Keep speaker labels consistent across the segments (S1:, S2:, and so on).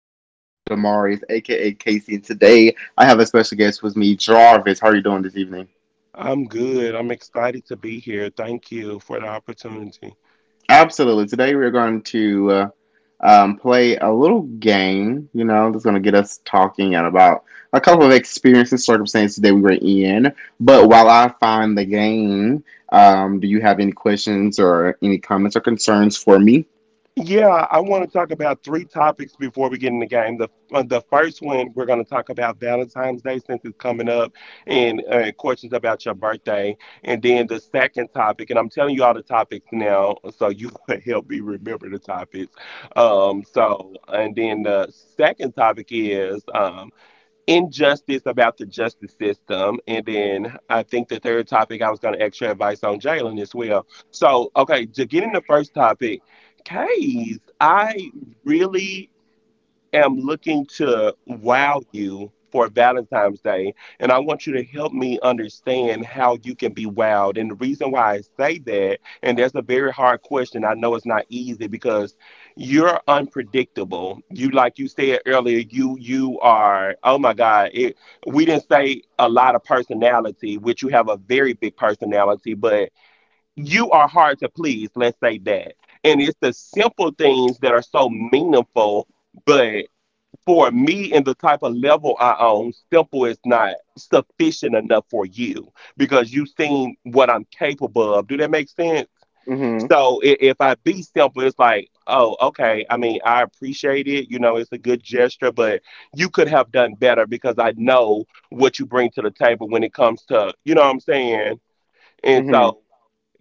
S1: I am your host, Damaris, aka Casey, and today I have a special guest with me, Jarvis. How are you doing this evening?
S2: I'm good. I'm excited to be here. Thank you for the opportunity.
S1: Absolutely. Today we're going to play a little game, that's going to get us talking and about a couple of experiences and circumstances that we were in. But while I find the game, do you have any questions or any comments or concerns for me?
S2: Yeah, I want to talk about three topics before we get in the game. The first one we're going to talk about Valentine's Day since it's coming up, and questions about your birthday. And then the second topic, and I'm telling you all the topics now, so you can help me remember the topics. So and then the second topic is injustice about the justice system. And then I think the third topic I was going to extra advice on Jalen as well. So, okay, to get in the first topic, Case, I really am looking to wow you for Valentine's Day, and I want you to help me understand how you can be wowed. And the reason why I say that, and that's a very hard question. I know it's not easy because you're unpredictable. You, like you said earlier, you are. Oh my God! It, we didn't say a lot of personality, which you have a very big personality, but you are hard to please. Let's say that. And it's the simple things that are so meaningful. But for me and the type of level I own, simple is not sufficient enough for you because you've seen what I'm capable of. Do that make sense?
S1: Mm
S2: So if I be simple, it's like, oh, okay. I mean, I appreciate it. You know, it's a good gesture, but you could have done better because I know what you bring to the table when it comes to, you know what I'm saying? And
S1: hmm. Mm
S2: so,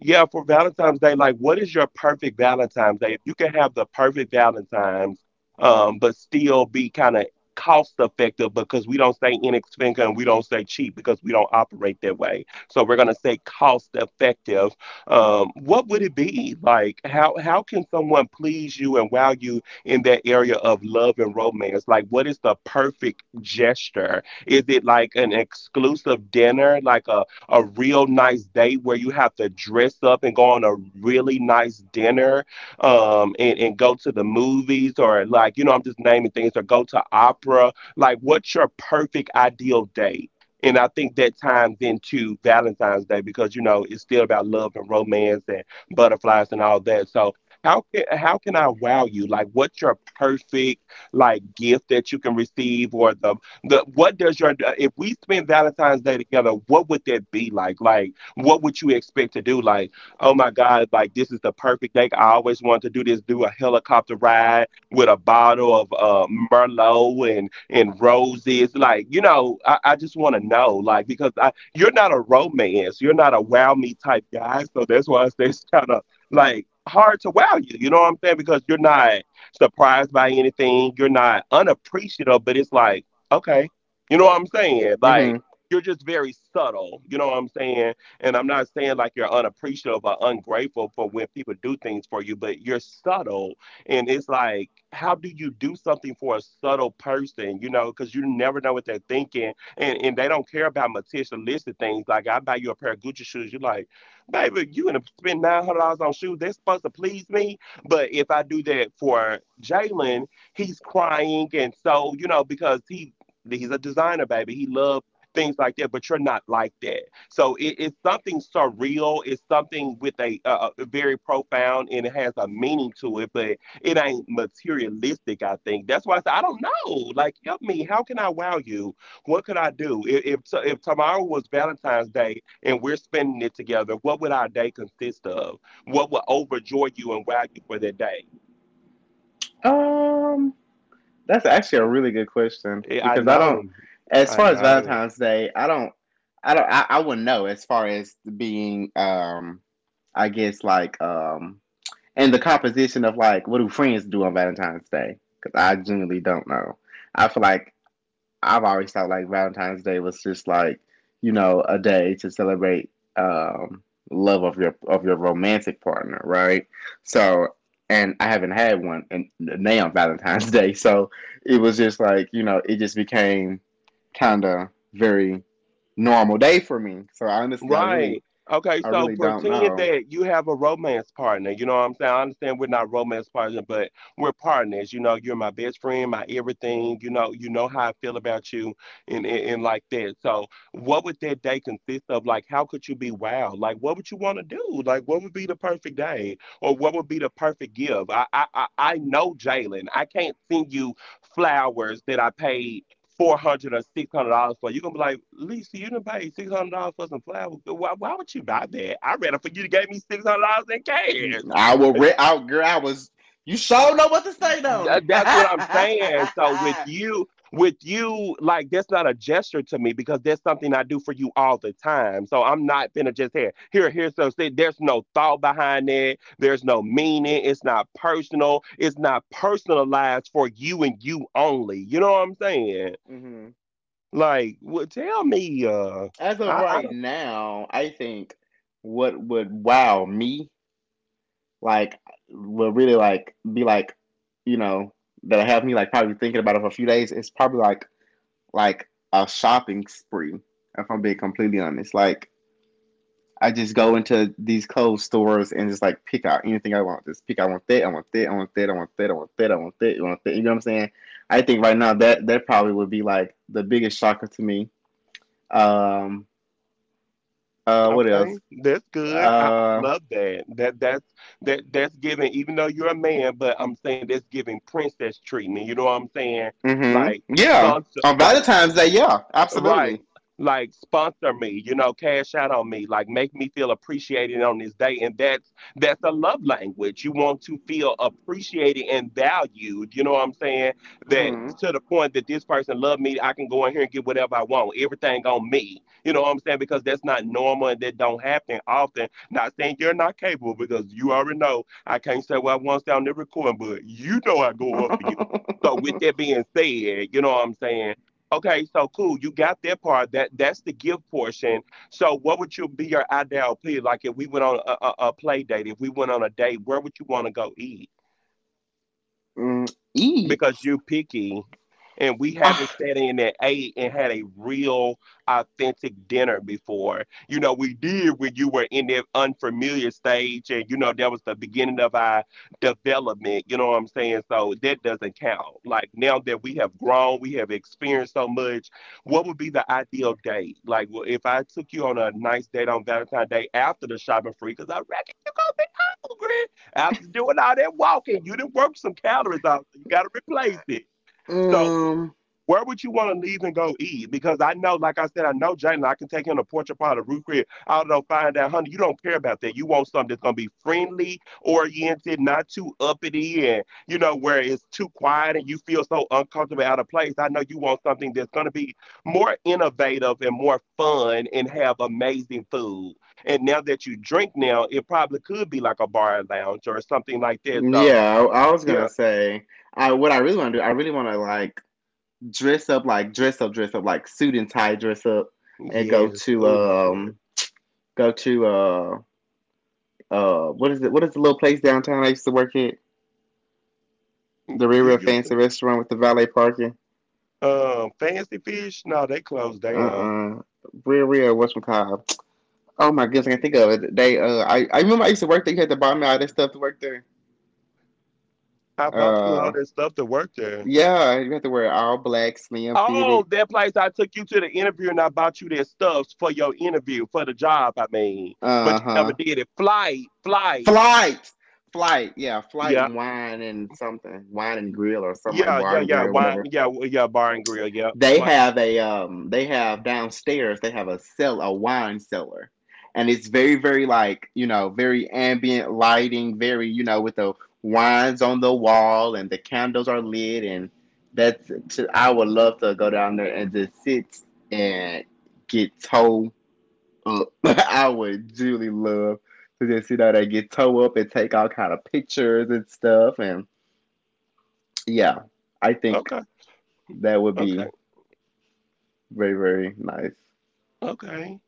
S2: yeah, for Valentine's Day, like, what is your perfect Valentine's Day? If you can have the perfect Valentine's, but still be kind of cost effective because we don't say inexpensive and we don't say cheap because we don't operate that way. So we're gonna say cost effective. What would it be like? How can someone please you and wow you in that area of love and romance? Like, what is the perfect gesture? Is it like an exclusive dinner, like a real nice date where you have to dress up and go on a really nice dinner, and go to the movies or like, you know, I'm just naming things or go to opera. Like, what's your perfect ideal date? And I think that times into Valentine's Day because, you know, it's still about love and romance and butterflies and all that. So how can I wow you? Like what's your perfect like gift that you can receive or the, what does your if we spend Valentine's Day together? What would that be like? Like, what would you expect to do? Like, oh my God, like this is the perfect day. I always wanted to do this. Do a helicopter ride with a bottle of Merlot and roses. Like, you know, I just want to know. Like, because I you're not a romance, you're not a wow me type guy. So that's why I it's kind of like hard to wow you. You know what I'm saying? Because you're not surprised by anything. You're not unappreciative, but it's like okay. You know what I'm saying?
S1: hmm.
S2: Like,
S1: Mm
S2: you're just very subtle. You know what I'm saying? And I'm not saying like you're unappreciative or ungrateful for when people do things for you, but you're subtle. And it's like, how do you do something for a subtle person? You know, because you never know what they're thinking. And they don't care about materialistic things. Like, I buy you a pair of Gucci shoes. You're like, baby, you going to spend $900 on shoes. They're supposed to please me. But if I do that for Jalen, he's crying, and so you know because he's a designer, baby. He loves things like that, but you're not like that. So it's something surreal. It's something with a very profound and it has a meaning to it, but it ain't materialistic, I think. That's why I said, I don't know. Like, help me. How can I wow you? What could I do? If tomorrow was Valentine's Day and we're spending it together, what would our day consist of? What would overjoy you and wow you for that day?
S1: hmm. That's actually a really good question
S2: Eh, I
S1: because I
S2: know.
S1: don't, as
S2: I
S1: far as
S2: know.
S1: Valentine's Day, I wouldn't know as far as being, I guess like, and the composition of like what do friends do on Valentine's Day? Because I genuinely don't know. I feel like I've always thought like Valentine's Day was just like, you know, a day to celebrate um love of your romantic partner, right? So, and I haven't had one and now on Valentine's Day. So it was just like, you know, it just became kinda very normal day for me. So honestly I really
S2: Right. Okay,
S1: I
S2: so
S1: really don't
S2: pretend
S1: know.
S2: that you have a romance partner. You know what I'm saying? I understand we're not romance partners, but we're partners. You know, you're my best friend, my everything. You know how I feel about you and like that. So what would that day consist of? Like, how could you be wild? Like, what would you want to do? Like, what would be the perfect day? Or what would be the perfect give? I know Jalen. I can't send you flowers that I paid $400 or $600 for. You're gonna be like, Lisa, you didn't pay $600 for some flowers. Why would you buy that? I rather for you to gave me $600 in
S1: I will
S2: cash.
S1: out girl I was you sure know what to say, don't
S2: Th-
S1: it?
S2: That's what I'm saying. So with
S1: Mm-hmm.
S2: you, with you, like that's not a gesture to me because that's something I do for you all the time. So I'm not finna just here, here, here. So say there's no thought behind it. There's no meaning. It's not personal. It's not personalized for you and you only. You know what I'm saying? Like, well, tell me. Uh,
S1: As of
S2: I, I
S1: right
S2: don't.
S1: now, I think what would wow me, like, would really like be like, you know, that have me like probably thinking about it for a few days. It's probably like a shopping spree. If I'm being completely honest, like I just go into these clothes stores and just like pick out anything I want. Just pick. I want that. I want that. I want that. I want that. I want that. I want that. I want that. You know what I'm saying? I think right now that that probably would be like the biggest shocker to me. Um. What
S2: Okay,
S1: else?
S2: that's good. I
S1: Uh.
S2: love that. That's giving. Even though you're a man, but I'm saying that's giving princess treatment. You know what I'm saying? Like
S1: Mm-hmm. Yeah.
S2: sponsor,
S1: On
S2: like.
S1: Valentine's Day, yeah,
S2: Right.
S1: absolutely.
S2: Like sponsor me, you know, cash out on me, like make me feel appreciated on this day. And that's a love language. You want to feel appreciated and valued. You know what I'm saying? That
S1: Hmm.
S2: to the point that this person loved me, I can go in here and get whatever I want. Everything on me. You know what I'm saying? Because that's not normal and that don't happen often. Not saying you're not capable because you already know I can't say what I want down the recording, but you know I go up for you. So with that being said, you know what I'm saying? Okay, so cool. You got that part. That's the gift portion. So, what would you be your ideal plea? Like, if we went on a play date, if we went on a date, where would you want to go eat?
S1: Mm,
S2: Because
S1: eats.
S2: you're picky and we haven't
S1: Ah,
S2: sat in at eight and had a real authentic dinner before. You know, we did when you were in that unfamiliar stage, and you know that was the beginning of our development, you know what I'm saying? So that doesn't count. Like now that we have grown, we have experienced so much, what would be the ideal date? Like well, if I took you on a nice date on Valentine's Day after the shopping free, because I reckon you're gonna be hungry. After doing all that walking, you didn't work some calories out, so you got to replace it. So
S1: um.
S2: where would you want to leave and go eat? Because I know, like I said, I know Jalen. I can take him to Porch Upon the Root Crib. I don't know, find that honey. You don't care about that. You want something that's gonna be friendly, oriented, not too uppity, and you know where it's too quiet and you feel so uncomfortable out of place. I know you want something that's gonna be more innovative and more fun and have amazing food. And now that you drink, now it probably could be like a bar lounge or something like that. So
S1: Yeah, I was
S2: yeah,
S1: gonna say. I what I really want to do. I really want to like dress up, like suit and tie, dress up, and go
S2: yes,
S1: to
S2: oh Lord,
S1: go to what is it? What is the little place downtown I used to work at? The real
S2: you
S1: real
S2: used.
S1: fancy restaurant with the valet parking.
S2: Fancy Fish, no, they closed
S1: Uh
S2: down.
S1: uh. Real real. What's, oh my goodness, I can think of it. They I remember I used to work there, you had to buy me all that stuff to work there.
S2: I bought you all
S1: Uh
S2: that stuff to work there.
S1: yeah, you had to wear all black, slim fitted.
S2: Oh, that place I took you to the interview and I bought you their stuffs for your interview, for the job, I mean. But you never
S1: Uh-huh.
S2: did it. Flight, flight.
S1: Flight. Flight, yeah, flight
S2: Yeah,
S1: wine and something. Wine and grill or something like
S2: yeah,
S1: bar
S2: yeah,
S1: and
S2: yeah.
S1: grill,
S2: Wine,
S1: whatever.
S2: yeah, yeah, bar and grill, yeah.
S1: They
S2: Flight.
S1: have a they have downstairs they have a cell a wine cellar. And it's very, very like, you know, very ambient lighting, very, you know, with the wines on the wall and the candles are lit and that's to, I would love to go down there and just sit and get toe up. I would really love to just, you know, they get toe up and take all kind of pictures and stuff and yeah, I think
S2: Okay,
S1: that would
S2: okay,
S1: be very, very nice.
S2: okay.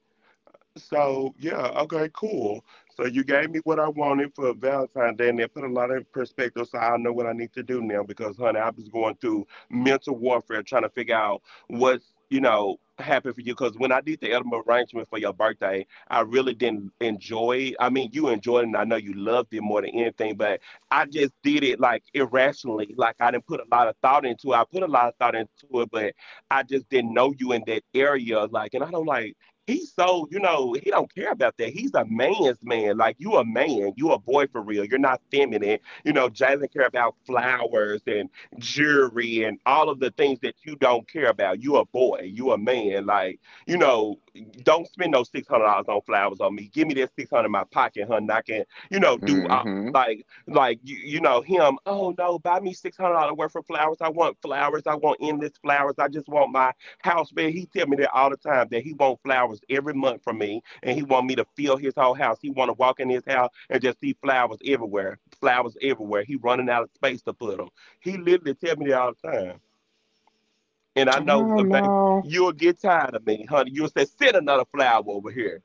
S2: So yeah, okay, cool. So you gave me what I wanted for Valentine's Day, and that put a lot in perspective. So I know what I need to do now because, honey, I was going through mental warfare trying to figure out what's happened for you. Because when I did the edible arrangement for your birthday, I really didn't enjoy it. I mean, you enjoyed it, and I know you loved it more than anything, but I just did it like irrationally. Like I didn't put a lot of thought into it. I put a lot of thought into it, but I just didn't know you in that area. Like, and I don't like. He's so, he don't care about that. He's a man's man. Like you a man. You a boy for real. You're not feminine. Jalen care about flowers and jewelry and all of the things that you don't care about. You a boy. You a man. Like, you know, don't spend no $600 on flowers on me. Give me that 600 in my pocket, hun. I can, do all
S1: Mm-hmm.
S2: like you, you know him. Oh no, buy me $600 worth of flowers. I want flowers, I want endless flowers, I just want my house, man. He tell me that all the time, that he want flowers every month from me, and he want me to fill his whole house. He want to walk in his house and just see flowers everywhere, flowers everywhere. He running out of space to put them. He literally tell me that all the time, and I know,
S1: Oh
S2: baby,
S1: no.
S2: you'll get tired of me, honey. You'll say, send another flower over here.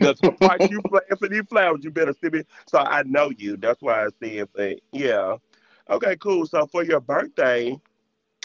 S2: The price you pay for these flowers, you better send me. So I know you. That's why I said, but yeah, okay, cool. So for your birthday,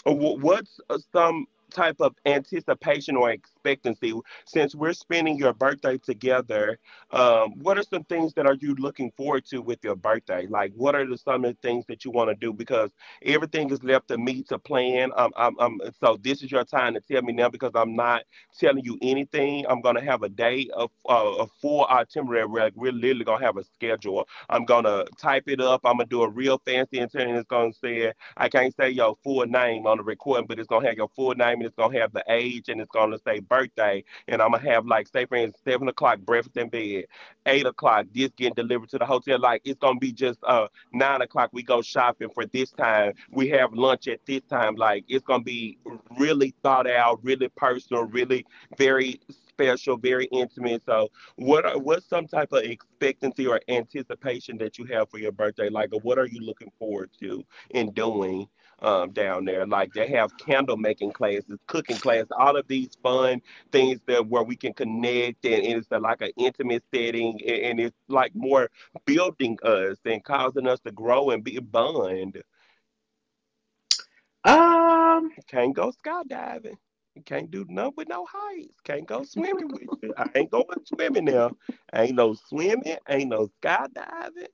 S2: what's some type of anticipation or expectancy since we're spending your birthday together? What are some things that are you looking forward to with your birthday? Like, some of the things that you want to do? Because everything is left to me to plan. So this is your time to tell me now, because I'm not telling you anything. I'm gonna have a day of a full itinerary. Like, we're literally gonna have a schedule. I'm gonna type it up. I'm gonna do a real fancy itinerary. It's gonna say, I can't say your full name on the recording, but it's gonna have your full name, and it's gonna have the age, and it's gonna say birthday. And I'm gonna have, like, say for instance, 7 o'clock breakfast in bed, 8 o'clock this getting delivered to the hotel. Like it's gonna be just 9 o'clock we go shopping for this time. We have lunch at this time. Like it's gonna be really thought out, really personal, really very special, very intimate. So what's some type of expectancy or anticipation that you have for your birthday? Like, what are you looking forward to and doing down there? Like they have candle making classes, cooking classes, all of these fun things that where we can connect, and it's like an intimate setting, and it's like more building us and causing us to grow and be bond.
S1: Um.
S2: Can't go skydiving. Can't do nothing with no heights. Can't go swimming with you. I ain't going swimming now. Ain't no swimming. Ain't no skydiving.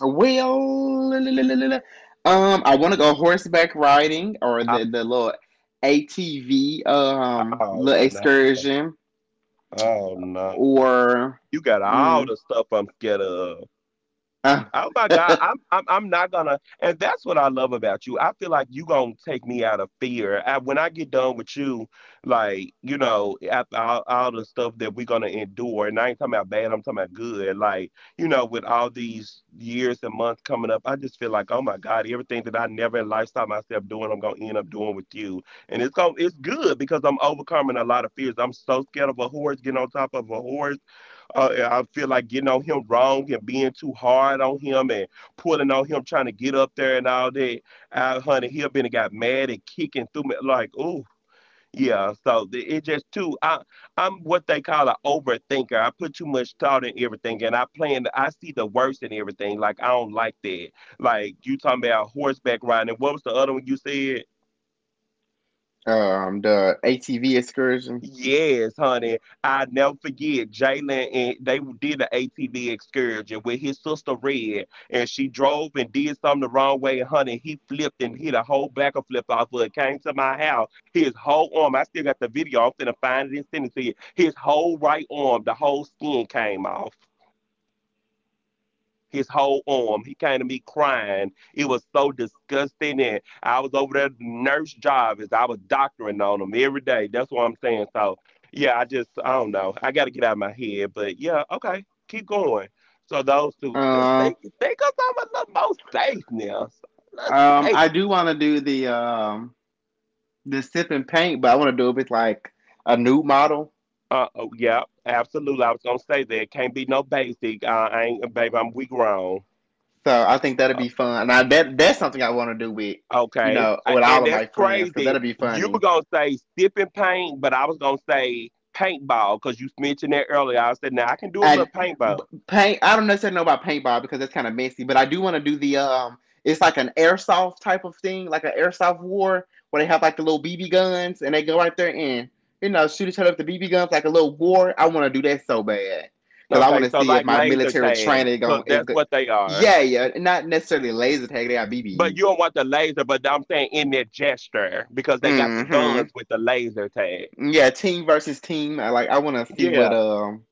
S1: Well. I want to go horseback riding or
S2: Oh,
S1: the little ATV
S2: oh
S1: little
S2: no.
S1: excursion
S2: Oh no.
S1: or
S2: You got all
S1: mm,
S2: the stuff I'm scared of.
S1: uh,
S2: Oh my God, I'm not gonna, and that's what I love about you. I feel like you gonna take me out of fear. When I get done with you, like, after all the stuff that we're gonna endure, and I ain't talking about bad, I'm talking about good. Like, with all these years and months coming up, I just feel like, oh my God, everything that I never in life saw myself doing, I'm gonna end up doing with you, and it's good because I'm overcoming a lot of fears. I'm so scared of a horse, getting on top of a horse. Yeah, I feel like getting on him wrong and being too hard on him and pulling on him, trying to get up there and all that. Honey, he been and got mad and kicking through me, like, ooh, yeah. So it just too. I'm what they call an overthinker. I put too much thought in everything, and I plan. I see the worst in everything. Like, I don't like that. Like, you talking about horseback riding. What was the other one you said?
S1: the ATV excursion.
S2: Yes, honey. I never forget Jalen and they did an ATV excursion with his sister Red, and she drove and did something the wrong way, and honey, he flipped and hit a whole back of flip off of it. Came to my house, his whole arm. I still got the video. I'm finna find it and send it to you. His whole right arm, the whole skin came off his whole arm. He came to me crying. It was so disgusting. And I was over there, nurse Jarvis. I was doctoring on him every day. That's what I'm saying. So yeah, I don't know. I got to get out of my head. But yeah, okay, keep going. So, those two, just
S1: Um.
S2: think of some a little more safe now. Let's stay.
S1: I do want to do the sip and paint, but I want to do it with like a nude model.
S2: Uh oh, yeah, absolutely. I was gonna say that can't be no basic. I ain't, baby, I'm, we grown.
S1: So I think that'll be fun. Now that that's something I want to do with you
S2: Okay.
S1: know with all
S2: And
S1: of
S2: that's
S1: my friends because
S2: crazy.
S1: that'll be
S2: You were
S1: funny.
S2: going to say sipping paint, but I was going to say paintball because you mentioned that earlier. I said, now I can do a little
S1: And
S2: paintball.
S1: paint, I don't necessarily know about paintball because that's kind of messy, but I do want to do the It's like an airsoft type of thing, like an airsoft war where they have like the little BB guns and they go right there and you know shoot each other with the BB guns like a little war. I want to do that so bad because I
S2: Okay.
S1: want to
S2: So,
S1: see if
S2: like
S1: my
S2: laser
S1: military
S2: tag,
S1: training
S2: because
S1: going is
S2: that's
S1: good.
S2: what they are.
S1: Yeah, yeah, not necessarily laser tag. They got
S2: But
S1: BBs.
S2: you don't want the laser, but I'm saying in that gesture, because they got the guns
S1: Mm-hmm.
S2: with the laser tag.
S1: Yeah, team versus team. I like. I want to see what
S2: Yeah.
S1: um.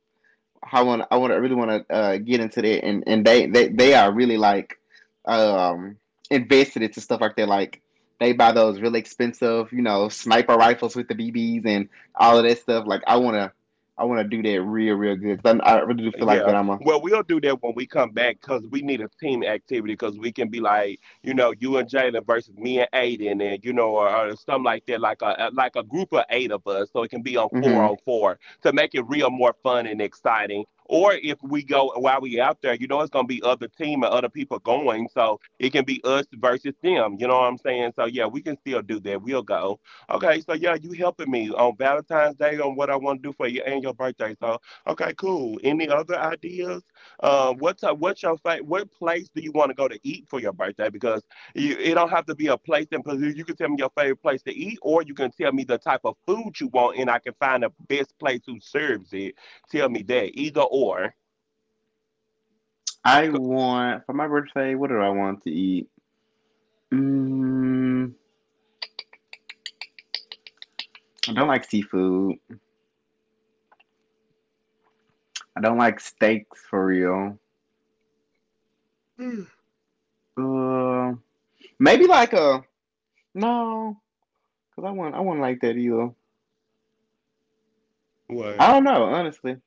S1: How I really want to get into that, and they are really like um invested into stuff like that. Like they buy those really expensive, you know, sniper rifles with the BBs and all of that stuff. Like I want to do that real real good. 'Cause I really do feel like that.
S2: Yeah.
S1: I'm a.
S2: Well, we'll do that when we come back, because we need a team activity, because we can be like, you and Jada versus me and Aiden, and, or something like that, like a group of eight of us. So it can be
S1: Hmm.
S2: on four to make it real more fun and exciting. Or if we go while we out there, it's going to be other team and other people going. So it can be us versus them. You know what I'm saying? So yeah, we can still do that. We'll go. Okay. So yeah, you helping me on Valentine's Day on what I want to do for you and your birthday. So, okay, cool. Any other ideas? What place do you want to go to eat for your birthday? Because it don't have to be a place in particular. You can tell me your favorite place to eat, or you can tell me the type of food you want, and I can find the best place who serves it. Tell me that, either or.
S1: I
S2: Co-
S1: want for my birthday. What do I want to eat? Mm, I don't like seafood. I don't like steaks for real.
S2: Mm.
S1: Um, Maybe like a no, because I won't. I wouldn't like that either.
S2: What?
S1: I don't know, honestly.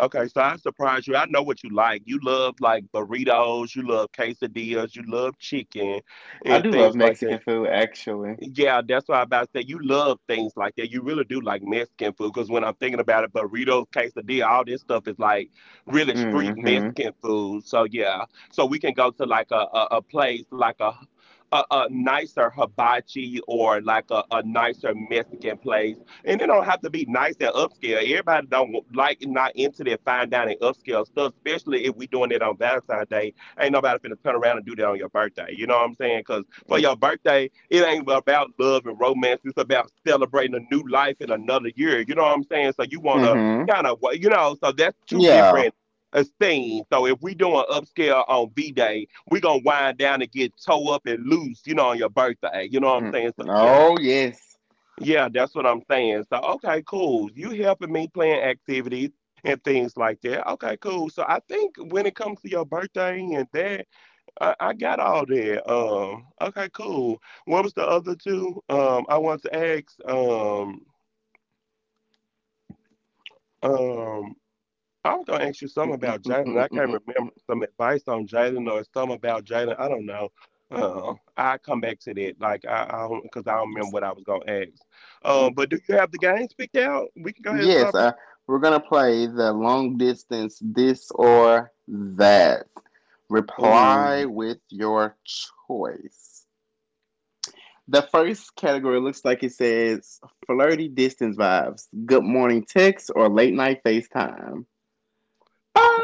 S2: Okay, so I surprised you. I know what you like. You love like burritos. You love quesadillas. You love chicken
S1: I
S2: and
S1: do love
S2: things like that.
S1: Mexican food, actually.
S2: Yeah, that's why I about to say you love things like that. You really do like Mexican food, because when I'm thinking about it, burritos, quesadilla, all this stuff is like really street
S1: Mm-hmm.
S2: Mexican food. So yeah, so we can go to like a place like a nicer hibachi, or like a nicer Mexican place, and it don't have to be nice and upscale. Everybody don't like, not into that fine dining upscale stuff, especially if we doing it on Valentine's Day. Ain't nobody finna turn around and do that on your birthday. You know what I'm saying? 'Cause for your birthday, it ain't about love and romance. It's about celebrating a new life in another year. You know what I'm saying? So you want to
S1: Mm-hmm.
S2: kind of, so that's two
S1: Yeah.
S2: different things. So if we doing upscale on V-Day, we going to wind down and get toe up and loose, on your birthday. You know what I'm
S1: Mm.
S2: saying? So yeah,
S1: Oh yes.
S2: yeah, that's what I'm saying. So, okay, cool. You helping me plan activities and things like that. Okay, cool. So I think when it comes to your birthday and that, I got all that. Okay, cool. What was the other two? I want to ask. Um, I was gonna ask you something about Jaden. I can't remember, some advice on Jaden or something about Jaden. I don't know. I come back to that. Like I don't, because I don't remember what I was gonna ask. But do you have the games picked out? We can go ahead and
S1: Yes.
S2: start
S1: We're gonna play the long distance this or that. Reply
S2: playing.
S1: with your choice. The first category looks like it says flirty distance vibes, good morning text, or late night FaceTime.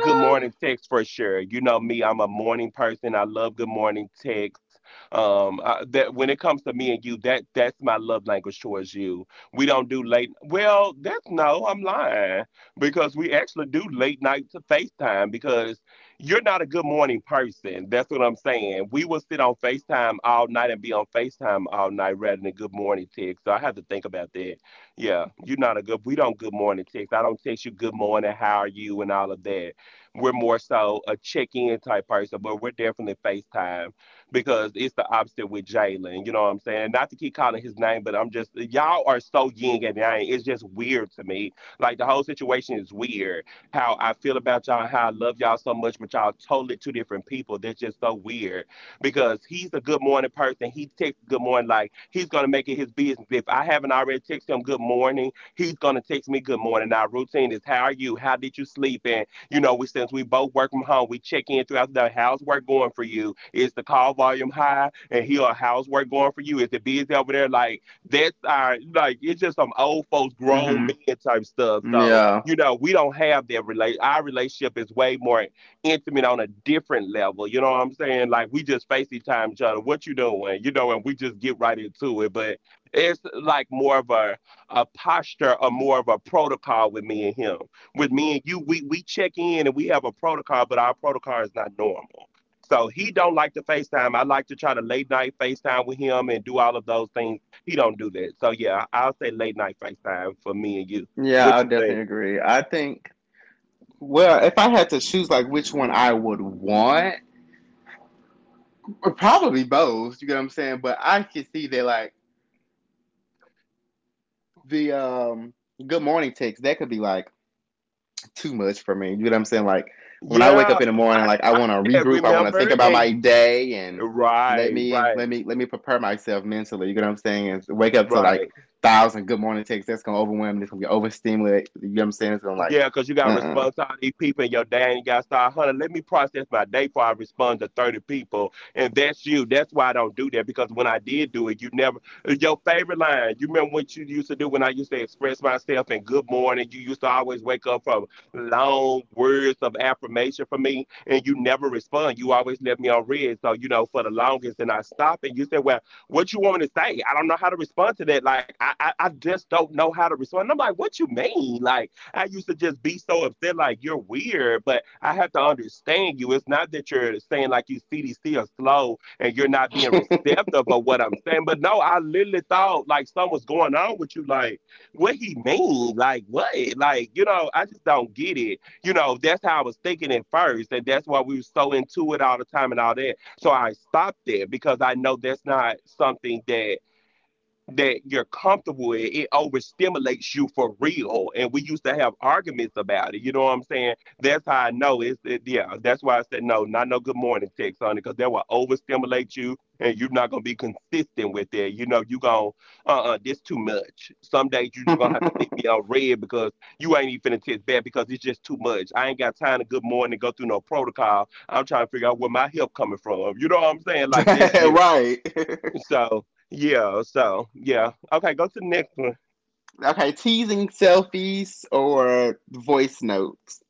S2: Good morning text for sure. You know me, I'm a morning person. I love good morning text. That when it comes to me and you, that that's my love language towards you. We don't do late. Well, that's no, I'm lying, because we actually do late night to FaceTime, because you're not a good morning person. That's what I'm saying. We will sit on FaceTime all night and be on FaceTime all night rather than good morning text. So I have to think about that. Yeah, you're not a good. We don't good morning text. I don't text you good morning, how are you, and all of that. We're more so a check-in type person, but we're definitely FaceTime because it's the opposite with Jalen. You know what I'm saying? Not to keep calling his name, but I'm just y'all are so yin and yang. It's just weird to me. Like the whole situation is weird. How I feel about y'all, how I love y'all so much, but y'all totally two different people. That's just so weird. Because he's a good morning person. He texts good morning like he's gonna make it his business. If I haven't already texted him good morning, he's gonna text me good morning. Our routine is how are you? How did you sleep? And you know, we since we both work from home, we check in throughout the day. How's work going for you? Is the call volume high? And here, how's work going for you? Is the busy over there? Like that's our like it's just some old folks, grown
S1: hmm.
S2: men type stuff. So
S1: Yeah,
S2: you know, we don't have that relate. Our relationship is way more intimate on a different level. You know what I'm saying? Like we just FaceTime each other. What you doing? You know, and we just get right into it. But it's like more of a posture or more of a protocol with me and him with me and you, we check in and we have a protocol, but our protocol is not normal. So he don't like to FaceTime. I like to try to late night FaceTime with him and do all of those things. He don't do that. So yeah, I'll say late night FaceTime for me and you.
S1: yeah,
S2: What
S1: I
S2: you think?
S1: definitely agree. I think, well, if I had to choose like which one I would want, or probably both. You get what I'm saying? But I can see that like the good morning text that could be like too much for me. You know what I'm saying? Like when I wake
S2: Yeah,
S1: up in the
S2: 'cause
S1: morning,
S2: I
S1: like I want to
S2: tried that,
S1: regroup. I want to
S2: remember?
S1: think about
S2: And
S1: my day and
S2: right, right,
S1: let me prepare myself mentally. You know what I'm saying? And wake up to
S2: right.
S1: like thousand good morning texts. That's gonna overwhelm me. It's gonna be overstimulated. You know what I'm saying? It's gonna like,
S2: Yeah, because you got to
S1: uh,
S2: respond to all these people and your dad, you got to start, honey, let me process my day before I respond to 30 people. And that's you. That's why I don't do that because when I did do it, you never, your favorite line, you remember what you used to do when I used to express myself and good morning, you used to always wake up from long words of affirmation for me and you never respond. You always left me on red. So, you know, for the longest, and I stopped and you said, well, what you want me to say? I don't know how to respond to that. Like, I just don't know how to respond. And I'm like, what you mean? Like, I used to just be so upset, like you're weird, but I have to understand you. It's not that you're saying like you CDC are slow and you're not being receptive of what I'm saying. But no, I literally thought like something was going on with you. Like, what he mean? Like what? Like, you know, I just don't get it. You know, that's how I was thinking at first, and that's why we were so into it all the time and all that. So I stopped there because I know that's not something that you're comfortable with, it overstimulates you for real. And we used to have arguments about it. You know what I'm saying? That's how I know it's it, yeah. That's why I said no, not no good morning text on it, because that will overstimulate you, and you're not gonna be consistent with it. You know, you gon' uh-uh, this too much. Some days you
S1: uh
S2: just gonna have to leave me on red because you ain't even finna text back because it's just too much. I ain't got time to good morning go through no protocol. I'm trying to figure out where my help coming from. You know what I'm saying? Like this year.
S1: right.
S2: So yeah, so yeah. Okay, go to the next.
S1: Okay, teasing selfies or voice notes.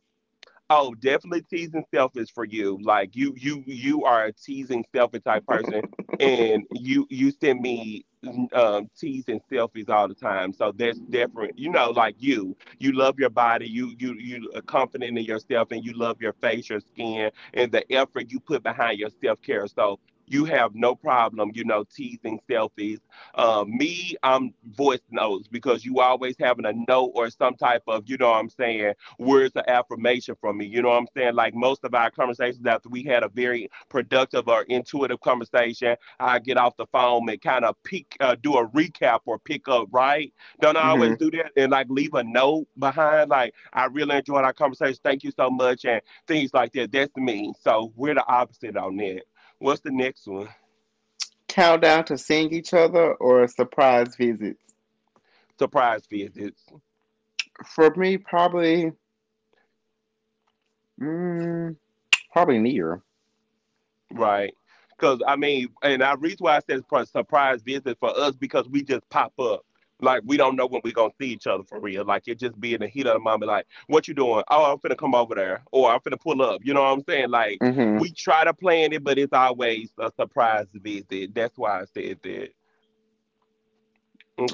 S2: Oh, definitely teasing selfish for you. Like you are a teasing selfish type person, and you send me teasing selfies all the time. So that's different. You know, like you love your body. You are confident in yourself, and you love your face, your skin, and the effort you put behind your self care. So you have no problem, you know, teasing selfies. Me, I'm voice notes because you always having a note or some type of, you know, what I'm saying words of affirmation from me. You know what I'm saying? Like most of our conversations after we had a very productive or intuitive conversation, I get off the phone and kind of peek, do a recap or pick up, right? Don't I
S1: Hmm.
S2: always do that and like leave a note behind? Like, I really enjoyed our conversation. Thank you so much. And things like that. That's me. So we're the opposite on that. What's the next one?
S1: Countdown to seeing each other or surprise visits.
S2: Surprise visits.
S1: For me, probably. Mm, probably near.
S2: Right. Because, I mean, and I reason why I said it's a surprise visit for us because we just pop up. Like, we don't know when we're going to see each other for real. Like, it just be in the heat of the moment, like, what you doing? Oh, I'm finna come over there. Or I'm finna pull up. You know what I'm saying? Like,
S1: Mm
S2: we
S1: hmm.
S2: try to plan it, but it's always a surprise visit. That's why I said that.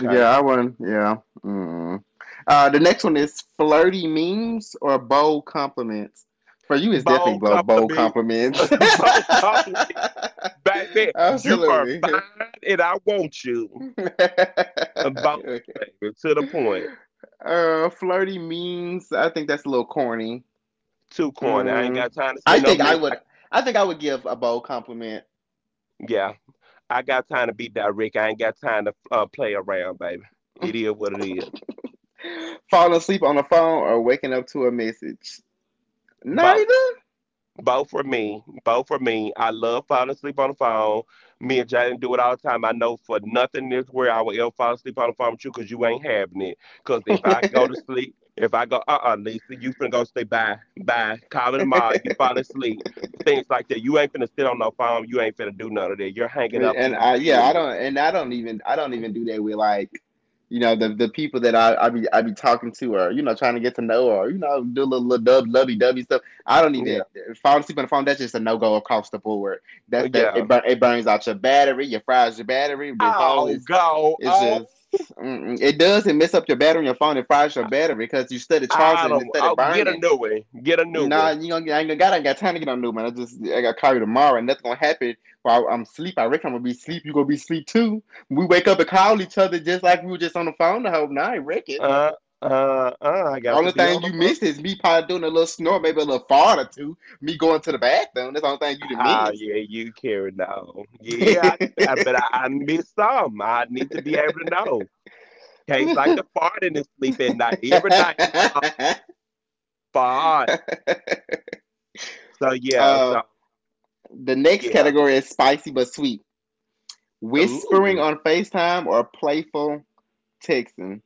S1: Yeah, I wouldn't. Yeah. Mm. The next one is flirty memes or bold compliments. For you, it's definitely
S2: Bold
S1: bold
S2: compliments.
S1: compliments.
S2: Bold compliments. Baby, you are
S1: Absolutely.
S2: fine and I want you. Bold, baby. To the point.
S1: Uh, flirty memes. I think that's a little corny.
S2: Too corny. I ain't
S1: Mm.
S2: got time to
S1: I
S2: send no
S1: think I
S2: mean. I,
S1: would. I think I would give a bold compliment.
S2: yeah, I got time to be direct. I ain't got time to play around, baby. It is what it is.
S1: Falling asleep on the phone or waking up to a message.
S2: Both.
S1: Neither.
S2: Both for me. Both for me. I love falling asleep on the phone. Me and Jaden do it all the time. I know for nothing this where I will ever fall asleep on the phone with you because you ain't having it. Because if I go to sleep, if I go, Lisa, you finna go say bye, bye. Call me tomorrow. You falling
S1: and
S2: asleep. Things like that. You ain't finna sit on no phone. You ain't finna do none of that. You're hanging up
S1: I yeah I
S2: immediately.
S1: don't and I don't even I don't even do that with like you know the people that I be talking to or you know trying to get to know or you know do a little, little dub lovey dovey stuff I don't
S2: Yeah.
S1: even fall asleep on the phone, that's just a no go across the board, that's the it,
S2: Yeah.
S1: it burns out your battery, your fries your battery, the phone
S2: I'll
S1: is
S2: go
S1: it's
S2: on.
S1: just mm, mm. It does it mess up your battery on your phone, it fries your battery because you started
S2: I
S1: charging it
S2: don't.
S1: instead
S2: I'll
S1: of
S2: get a
S1: burning.
S2: new one. Get a new one.
S1: Nah, you gonna get, I ain't got time to get on new man. I just, I got call you tomorrow, and nothing gonna happen while I'm sleep. I reckon I'm gonna be sleep. You gonna be sleep too. We wake up and call each other just like we were just on the phone the whole night. Reckon.
S2: Uh, I got to
S1: Only
S2: be
S1: thing
S2: on the
S1: you
S2: phone.
S1: missed is me probably doing a little snore, maybe a little fart or two. Me going to the bathroom. That's the only thing you done
S2: Ah,
S1: missed.
S2: yeah, you carry no. Yeah, but I miss some. I need to be able to know. Case like the fart in his sleep at night. Every night he fart. So yeah,
S1: Uh,
S2: so
S1: the next
S2: yeah.
S1: category is spicy but sweet. Whispering
S2: Ooh.
S1: on FaceTime or playful texting.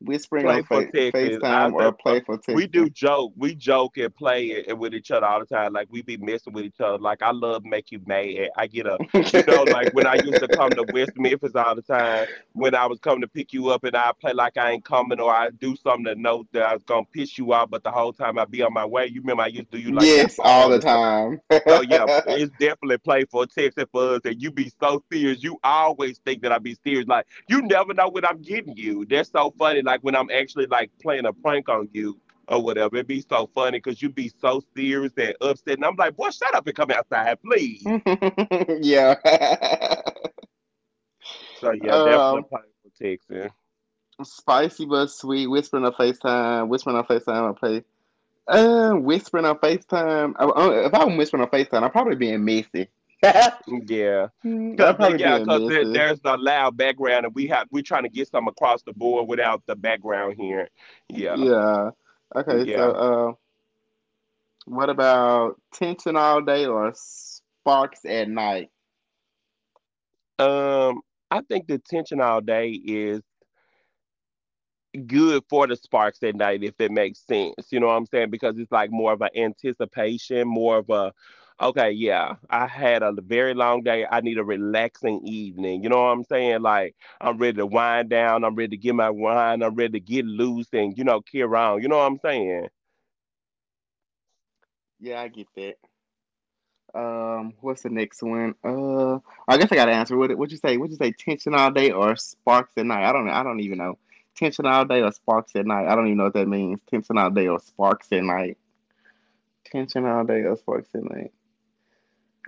S1: Whispering on
S2: Play for Texas. I
S1: FaceTime
S2: say
S1: or playful
S2: we do
S1: texting.
S2: joke, we joke and play it, with each other all the time. Like we be messing with each other. Like I love make you mad. I get a, you know, like when I used to come to West Memphis all the time. When I was coming to pick you up, and I play like I ain't coming, or I do something to know that I was gonna piss you off, but the whole time I be on my way. You remember I used to do you like that
S1: yes, all
S2: all
S1: the
S2: the time.
S1: time.
S2: So yeah, it's definitely play for a text and for us. And you be so serious. You always think that I be serious. Like you never know when I'm getting you. That's so funny. Like when I'm actually like playing a prank on you or whatever. It be so funny because you be so serious and upset. And I'm like, boy, shut up and come outside, please.
S1: yeah.
S2: So yeah, definitely
S1: um,
S2: play for texting.
S1: spicy but sweet. Whispering on FaceTime. Whispering on FaceTime or play. Whispering on FaceTime. If I'm whispering on FaceTime, I'm probably being messy.
S2: Yeah.
S1: I'm
S2: Cause
S1: probably
S2: yeah,
S1: being
S2: cause there,
S1: messy.
S2: there's a loud background, and we're trying to get some across the board without the background here. Yeah,
S1: Yeah. Okay, so
S2: yeah.
S1: what about tension all day or sparks at night?
S2: Um, I think the tension all day is good for the sparks at night, if that makes sense. You know what I'm saying? Because it's like more of an anticipation, more of a, okay, yeah, I had a very long day. I need a relaxing evening. You know what I'm saying? Like, I'm ready to wind down. I'm ready to get my wine. I'm ready to get loose and, you know, carry on. You know what I'm saying?
S1: Yeah, I get that. What's the next one? I guess I gotta answer. What would you say? Would you say tension all day or sparks at night? I don't. I don't even know. Tension all day or sparks at night. I don't even know what that means. Tension all day or sparks at night. Tension all day or sparks at night.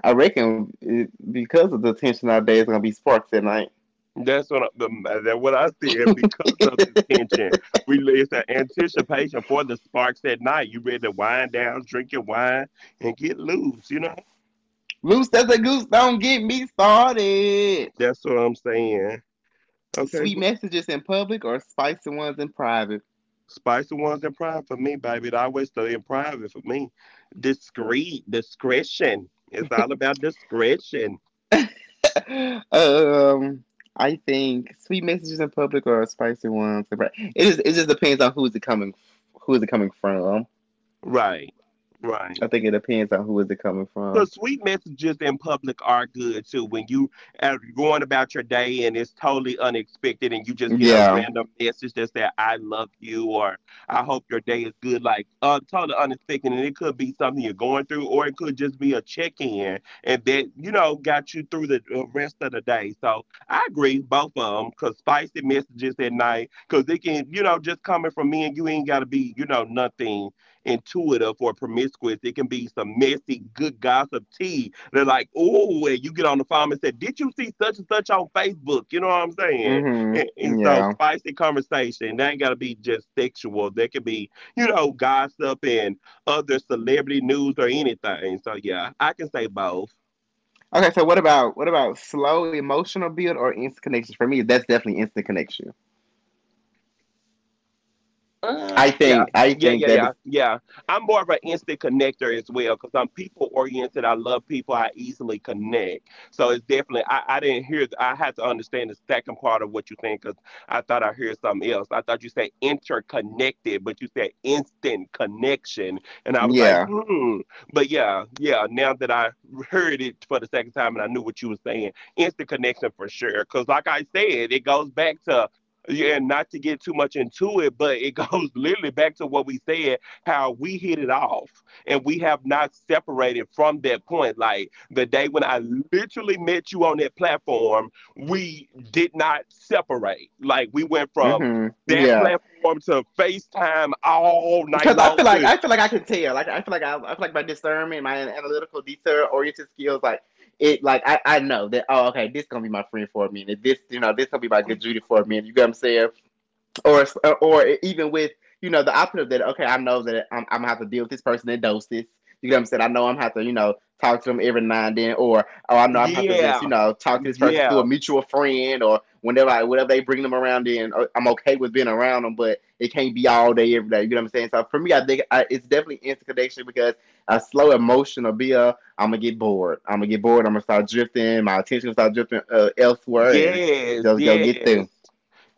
S1: I reckon it, because of the tension all day, it's gonna be sparks at night.
S2: That's what I, the, that what I said. Because of the tension, we it's an anticipation for the sparks at night. You ready to wind down, drink your wine, and get loose. You know,
S1: Loose as a goose. Don't get me started.
S2: that's what I'm saying. Okay,
S1: Sweet
S2: well,
S1: messages in public or spicy ones in private.
S2: spicy ones in private for me, baby. It always stay in private for me. Discreet, discretion. It's all about discretion.
S1: Um, I think sweet messages in public or spicy ones. Right? It just depends on who is it coming from.
S2: Right,
S1: I
S2: right.
S1: think it depends on who is it coming from.
S2: Because sweet messages in public are good too. When you are going about your day and it's totally unexpected and you just get a
S1: Yeah.
S2: random message that says, I love you or I hope your day is good, like totally unexpected. And it could be something you're going through or it could just be a check in and that, you know, got you through the rest of the day. So I agree, both of them, because spicy messages at night, because they can, you know, just coming from me and you ain't got to be, you know, nothing intuitive or promiscuous. It can be some messy, good gossip tea. They're like, oh, and you get on the phone and say, did you see such and such on Facebook? You know what I'm saying? And,
S1: Mm-hmm.
S2: and so
S1: Yeah.
S2: spicy conversation. They ain't got to be just sexual. They can be, you know, gossip and other celebrity news or anything. So yeah, I can say both.
S1: Okay, so what about slow emotional build or instant connections? For me, that's definitely instant connection. I
S2: Um, yeah,
S1: think I
S2: yeah,
S1: think
S2: yeah,
S1: that
S2: yeah,
S1: is
S2: yeah. I'm more of an instant connector as well because I'm people oriented. I love people. I easily connect. So it's definitely, I didn't hear, I had to understand the second part of what you're saying because I thought I heard something else. I thought you said interconnected, but you said instant connection. And I was like,
S1: yeah.
S2: hmm. But yeah, yeah, now that I heard it for the second time and I knew what you were saying, instant connection for sure. Because like I said, it goes back to. Yeah, and not to get too much into it, but it goes literally back to what we said, how we hit it off and we have not separated from that point. Like the day when I literally met you on that platform, we did not separate. Like we went from
S1: Mm-hmm.
S2: that
S1: Yeah.
S2: platform to FaceTime all night
S1: Because I
S2: long
S1: feel like
S2: too.
S1: I feel like I can tell. Like I feel like I feel like my discernment, my analytical, detail oriented skills, like it, like I know that. Oh, okay, this gonna be my friend for a minute. This, you know, this gonna be my good Judy for a minute. You got what I'm saying? or or even with you know the option of that. Okay, I know that I'm gonna have to deal with this person in doses. You get what I'm saying? I know I'm gonna have to you know talk to them every now and then, or I know I'm gonna have to just you
S2: Yeah.
S1: know talk to this person through a
S2: Yeah.
S1: mutual friend, or whenever I whatever they bring them around in. I'm okay with being around them, but it can't be all day every day. You get what I'm saying? So for me, I think it's definitely instant connection because a slow emotional be I'm gonna get bored. I'm gonna get bored. I'm gonna start drifting. My attention will start drifting elsewhere, and
S2: Yes,
S1: just go get
S2: yes.
S1: them.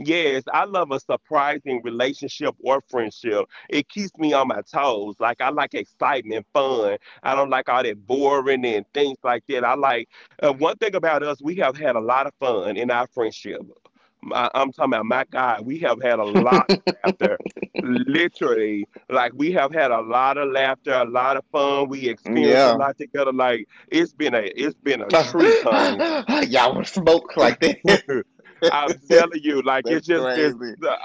S2: Yes, I love a surprising relationship or friendship. It keeps me on my toes. Like I like excitement, fun. I don't like all that boring and things like that. I like one thing about us. We have had a lot of fun in our friendship. My, I'm talking about my God. We have had a lot of laughter. Literally, like we have had a lot of laughter, a lot of fun. We experienced a
S1: Yeah.
S2: lot together. Like it's been a it's been a
S1: Y'all
S2: treat, honey.
S1: want smoke like that?
S2: I'm
S1: that's,
S2: telling you, like it's
S1: that's
S2: just been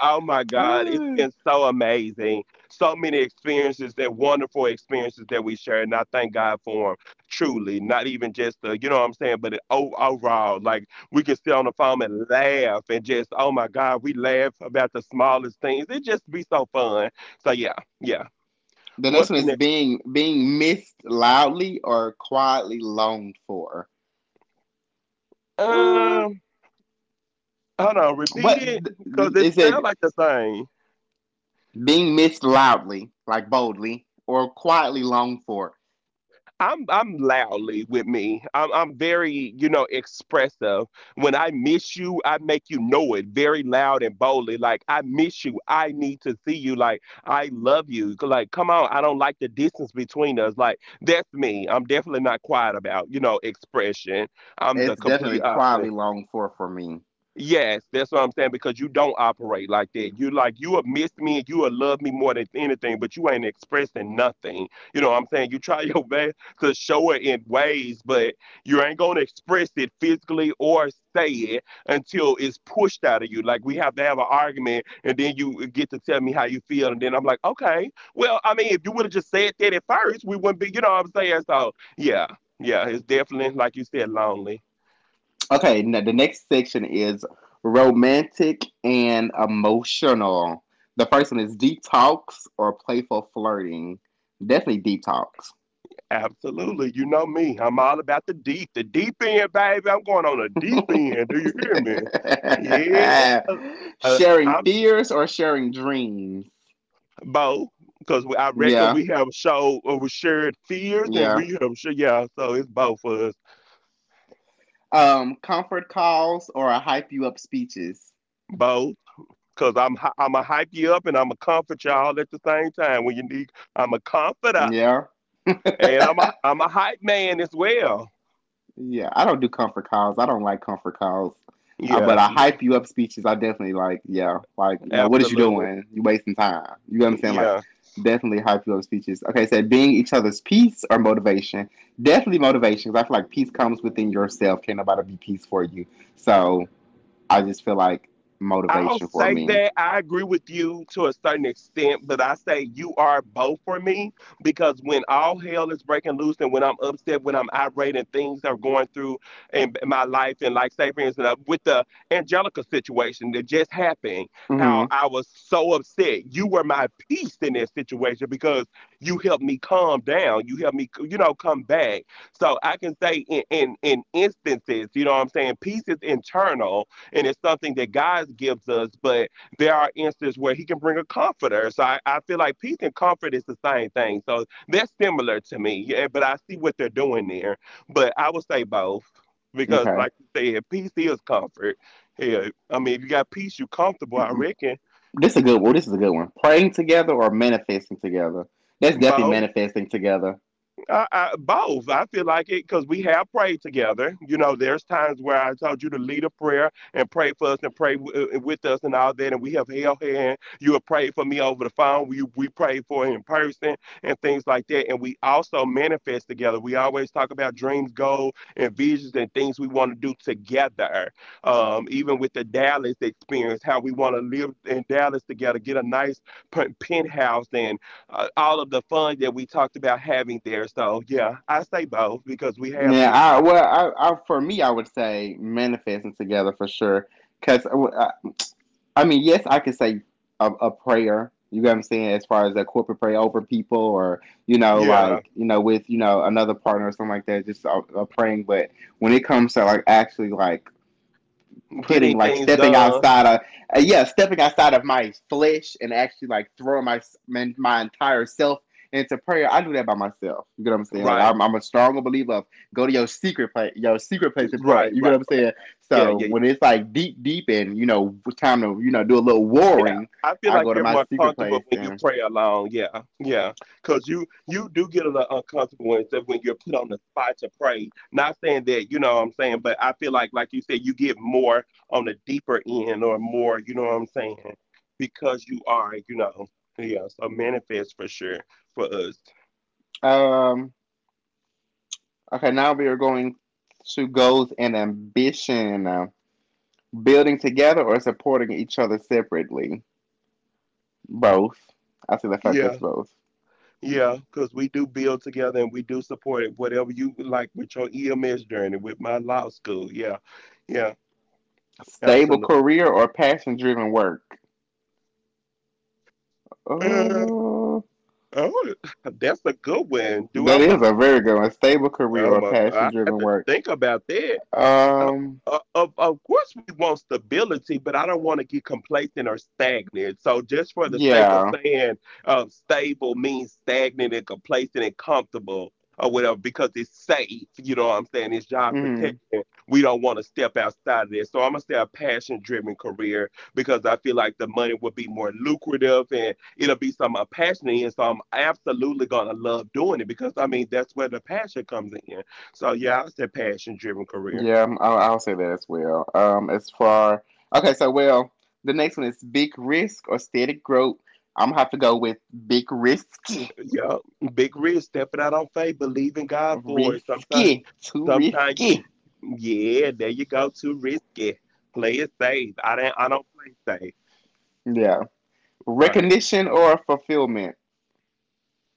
S2: oh my God, it's
S1: crazy.
S2: been so amazing. So many experiences that wonderful experiences that we share, and I thank God for them. Truly, not even just the, you know what I'm saying, but it, overall, like we can sit on the phone and laugh and just oh my God, we laugh about the smallest things. It just be so fun. So yeah, yeah.
S1: The next
S2: What's
S1: one
S2: the
S1: is
S2: next?
S1: being missed loudly or quietly longed for. Uh,
S2: Um, hold on, repeat
S1: what
S2: it because it
S1: is
S2: sounds like
S1: it?
S2: the same.
S1: Being missed loudly, like boldly, or quietly longed for.
S2: I'm loudly with me. I'm very, you know, expressive. When I miss you, I make you know it very loud and boldly. Like I miss you. I need to see you. Like I love you. Like come on, I don't like the distance between us. Like that's me. I'm definitely not quiet about, you know, expression. I'm the
S1: It's
S2: complete
S1: definitely quietly
S2: opposite.
S1: longed for me.
S2: Yes, that's what I'm saying because you don't operate like that. You like you have missed me and you have loved me more than anything, but you ain't expressing nothing. You know what I'm saying? You try your best to show it in ways, but you ain't gonna express it physically or say it until it's pushed out of you. Like we have to have an argument and then you get to tell me how you feel and then I'm like, okay, well, I mean, if you would have just said that at first, we wouldn't be, you know what I'm saying? So yeah, yeah, it's definitely like you said, lonely.
S1: Okay, now the next section is romantic and emotional. The first one is deep talks or playful flirting. Definitely deep talks.
S2: Absolutely. You know me. I'm all about the deep end, baby. I'm going on a deep end. Do you hear me? Yeah.
S1: Sharing
S2: I'm
S1: fears or sharing dreams.
S2: both because I reckon
S1: Yeah,
S2: we have showed we shared fears and
S1: yeah.
S2: we have shared, yeah. So it's both of us,
S1: Comfort calls or hype you up speeches.
S2: both. Cause I'm going to hype you up and I'm gonna comfort y'all at the same time when you need. I'm a comforter
S1: Yeah.
S2: and I'm a I'm a hype man as well.
S1: Yeah, I don't do comfort calls. I don't like comfort calls. But
S2: Yeah,
S1: I hype you up speeches. I definitely like, yeah, like you know, what is you
S2: absolutely.
S1: doing? You wasting time. You know what I'm saying? Like,
S2: Yeah.
S1: definitely hype you up speeches. Okay, so being each other's peace or motivation. Definitely motivation. 'Cause I feel like peace comes within yourself. Can't nobody be peace for you. So I just feel like
S2: I'll
S1: motivation for
S2: say
S1: me.
S2: that I agree with you to a certain extent, but I say you are both for me because when all hell is breaking loose and when I'm upset, when I'm irate and things are going through in my life, and like say for instance with the Angelica situation that just happened,
S1: Hmm.
S2: how I was so upset. You were my peace in that situation because you helped me calm down. You helped me, you know, come back. So I can say in instances, you know what I'm saying, peace is internal and it's something that God gives us. But there are instances where He can bring a comforter. So I feel like peace and comfort is the same thing. So they're similar to me. Yeah, but I see what they're doing there. But I would say both because,
S1: Okay.
S2: like you said, peace is comfort. Yeah, I mean, if you got peace, you're comfortable. I
S1: Mm.
S2: reckon
S1: This is a good. Well, this is a good one. Praying together or manifesting together. That's definitely
S2: both.
S1: manifesting together.
S2: Both. I feel like it because we have prayed together. You know, there's times where I told you to lead a prayer and pray for us and pray with us and all that, and we have held hand. You have prayed for me over the phone. We prayed for it in person and things like that. And we also manifest together. We always talk about dreams, goals, and visions and things we want to do together. Even with the Dallas experience, how we want to live in Dallas together, get a nice penthouse all of the fun that we talked about having there. So yeah, I say both because we have
S1: Yeah,
S2: the
S1: I well, I for me, I would say manifesting together for sure. Cause I mean, yes, I could say a prayer. You know what I'm saying? As far as a corporate prayer over people, or you know,
S2: yeah
S1: like you know, with you know another partner or something like that, just a praying. But when it comes to like actually like
S2: getting
S1: putting like
S2: things
S1: stepping
S2: done.
S1: outside of yeah stepping outside of my flesh and actually like throwing my entire self into prayer. I do that by myself. You get what I'm saying? Like
S2: Right,
S1: I'm a stronger believer of go to your secret place, your secret place, and pray. You get what I'm saying?
S2: right. Yeah,
S1: So
S2: yeah,
S1: when it's like deep and you know time to you know do a little
S2: Yeah,
S1: warring,
S2: I feel
S1: I
S2: like
S1: go to
S2: you're
S1: my
S2: more
S1: secret
S2: comfortable
S1: place
S2: when you
S1: and
S2: pray alone. Yeah, yeah, because you do get a little uncomfortable when you're put on the spot to pray. Not saying that you know what I'm saying, but I feel like you said, you get more on the deeper end or more. You know what I'm saying? Because you are, you know, yeah. So manifest for sure for us.
S1: um okay, now we are going to goals and ambition. Building together or supporting each other separately. Both. I see the fuck it's
S2: Yeah,
S1: both.
S2: yeah, because we do build together and we do support it. Whatever you like with your EMS journey, with my law school. Yeah, yeah,
S1: Stable
S2: absolutely.
S1: career or passion driven work? Oh,
S2: Oh, that's a good one. Do I
S1: that is
S2: want to?
S1: a very good one. Stable career
S2: Oh
S1: or
S2: my! God.
S1: passion
S2: I have
S1: driven
S2: to
S1: work?
S2: think about that. Uh,
S1: Um,
S2: of course, we want stability, but I don't want to get complacent or stagnant. So, just for the sake of
S1: yeah.
S2: saying stable means stagnant and complacent and comfortable or whatever, because it's safe, you know what I'm saying? It's job
S1: Mm,
S2: protection. We don't want to step outside of this. So, I'm going to say a passion driven career because I feel like the money will be more lucrative and it'll be something I'm passionate in. So, I'm absolutely going to love doing it because, I mean, that's where the passion comes in. So, yeah, I said passion driven career.
S1: yeah, I'll say that as well. As far, okay, so well, the next one is big risk or steady growth. I'm gonna have to go with big risky.
S2: Yeah, big risk, stepping out on faith, believing God for it. Sometimes,
S1: Risky. Too
S2: sometimes, you,
S1: risky.
S2: yeah, there you go, too risky. Play it safe. I don't play safe.
S1: Yeah.
S2: Right.
S1: Recognition or fulfillment?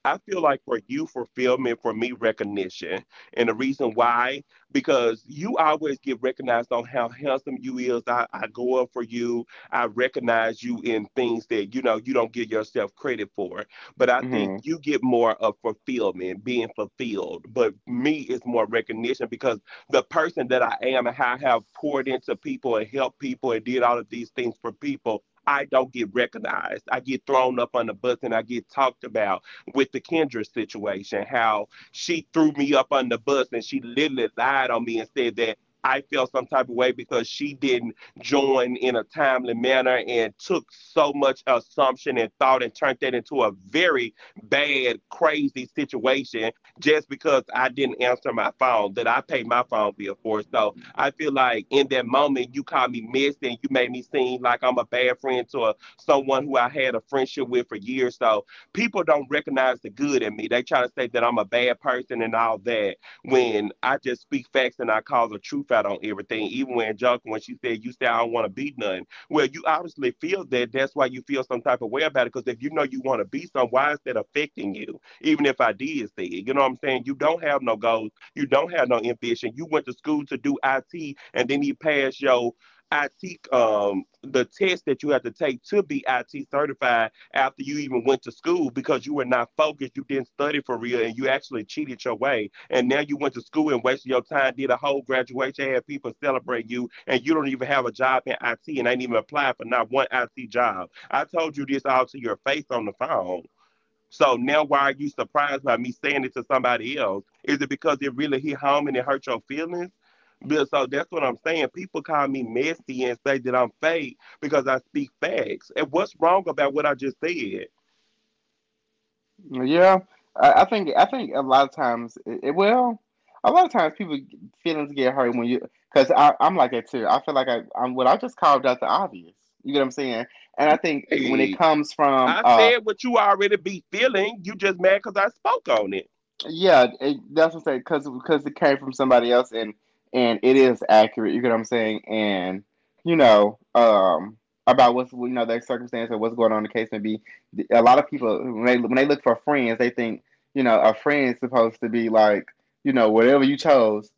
S2: I feel like for you, fulfillment, for me, recognition. And the reason why, because you always get recognized on how handsome you is. I go up for you. I recognize you in things that, you know, you don't give yourself credit for. But I think
S1: Mm-hmm.
S2: you get more of fulfillment, being fulfilled. But me, it's more recognition because the person that I am and how I have poured into people and helped people and did all of these things for people, I don't get recognized. I get thrown up on the bus and I get talked about with the Kendra situation, how she threw me up on the bus and she literally lied on me and said that I felt some type of way because she didn't join in a timely manner and took so much assumption and thought and turned that into a very bad, crazy situation just because I didn't answer my phone that I paid my phone bill for. So I feel like in that moment, you called me messy and you made me seem like I'm a bad friend to a, someone who I had a friendship with for years. So people don't recognize the good in me. They try to say that I'm a bad person and all that when I just speak facts and I call the truth out on everything. Even when she said, "You say I don't want to be none." Well, you obviously feel that. That's why you feel some type of way about it. Because if you know you want to be some, why is that affecting you? Even if I did say it. You know what I'm saying? You don't have no goals. You don't have no ambition. You went to school to do IT and then you passed your IT um the test that you have to take to be IT certified after you even went to school because you were not focused, you didn't study for real, and you actually cheated your way. And now you went to school and wasted your time, did a whole graduation, had people celebrate you, and you don't even have a job in IT and ain't even applied for not one IT job. I told you this all to your face on the phone, so now why are you surprised by me saying it to somebody else? Is it because it really hit home and it hurt your feelings? But so that's what I'm saying. People call me messy and say that I'm fake because I speak facts. And what's wrong about what I just said?
S1: Yeah, I think a lot of times, a lot of times people feelings get hurt when you because I'm like that too. I feel like I just carved out the obvious. You get what I'm saying? And I think when it
S2: Hey,
S1: comes from
S2: I said what you already be feeling. You just mad because I spoke on it.
S1: yeah, it, that's what I'm saying. Because it came from somebody else, and it is accurate. You get what I'm saying? And you know, about what's you know their circumstance and what's going on in the case may be. A lot of people when they look for friends, they think you know a friend's supposed to be like you know whatever you chose.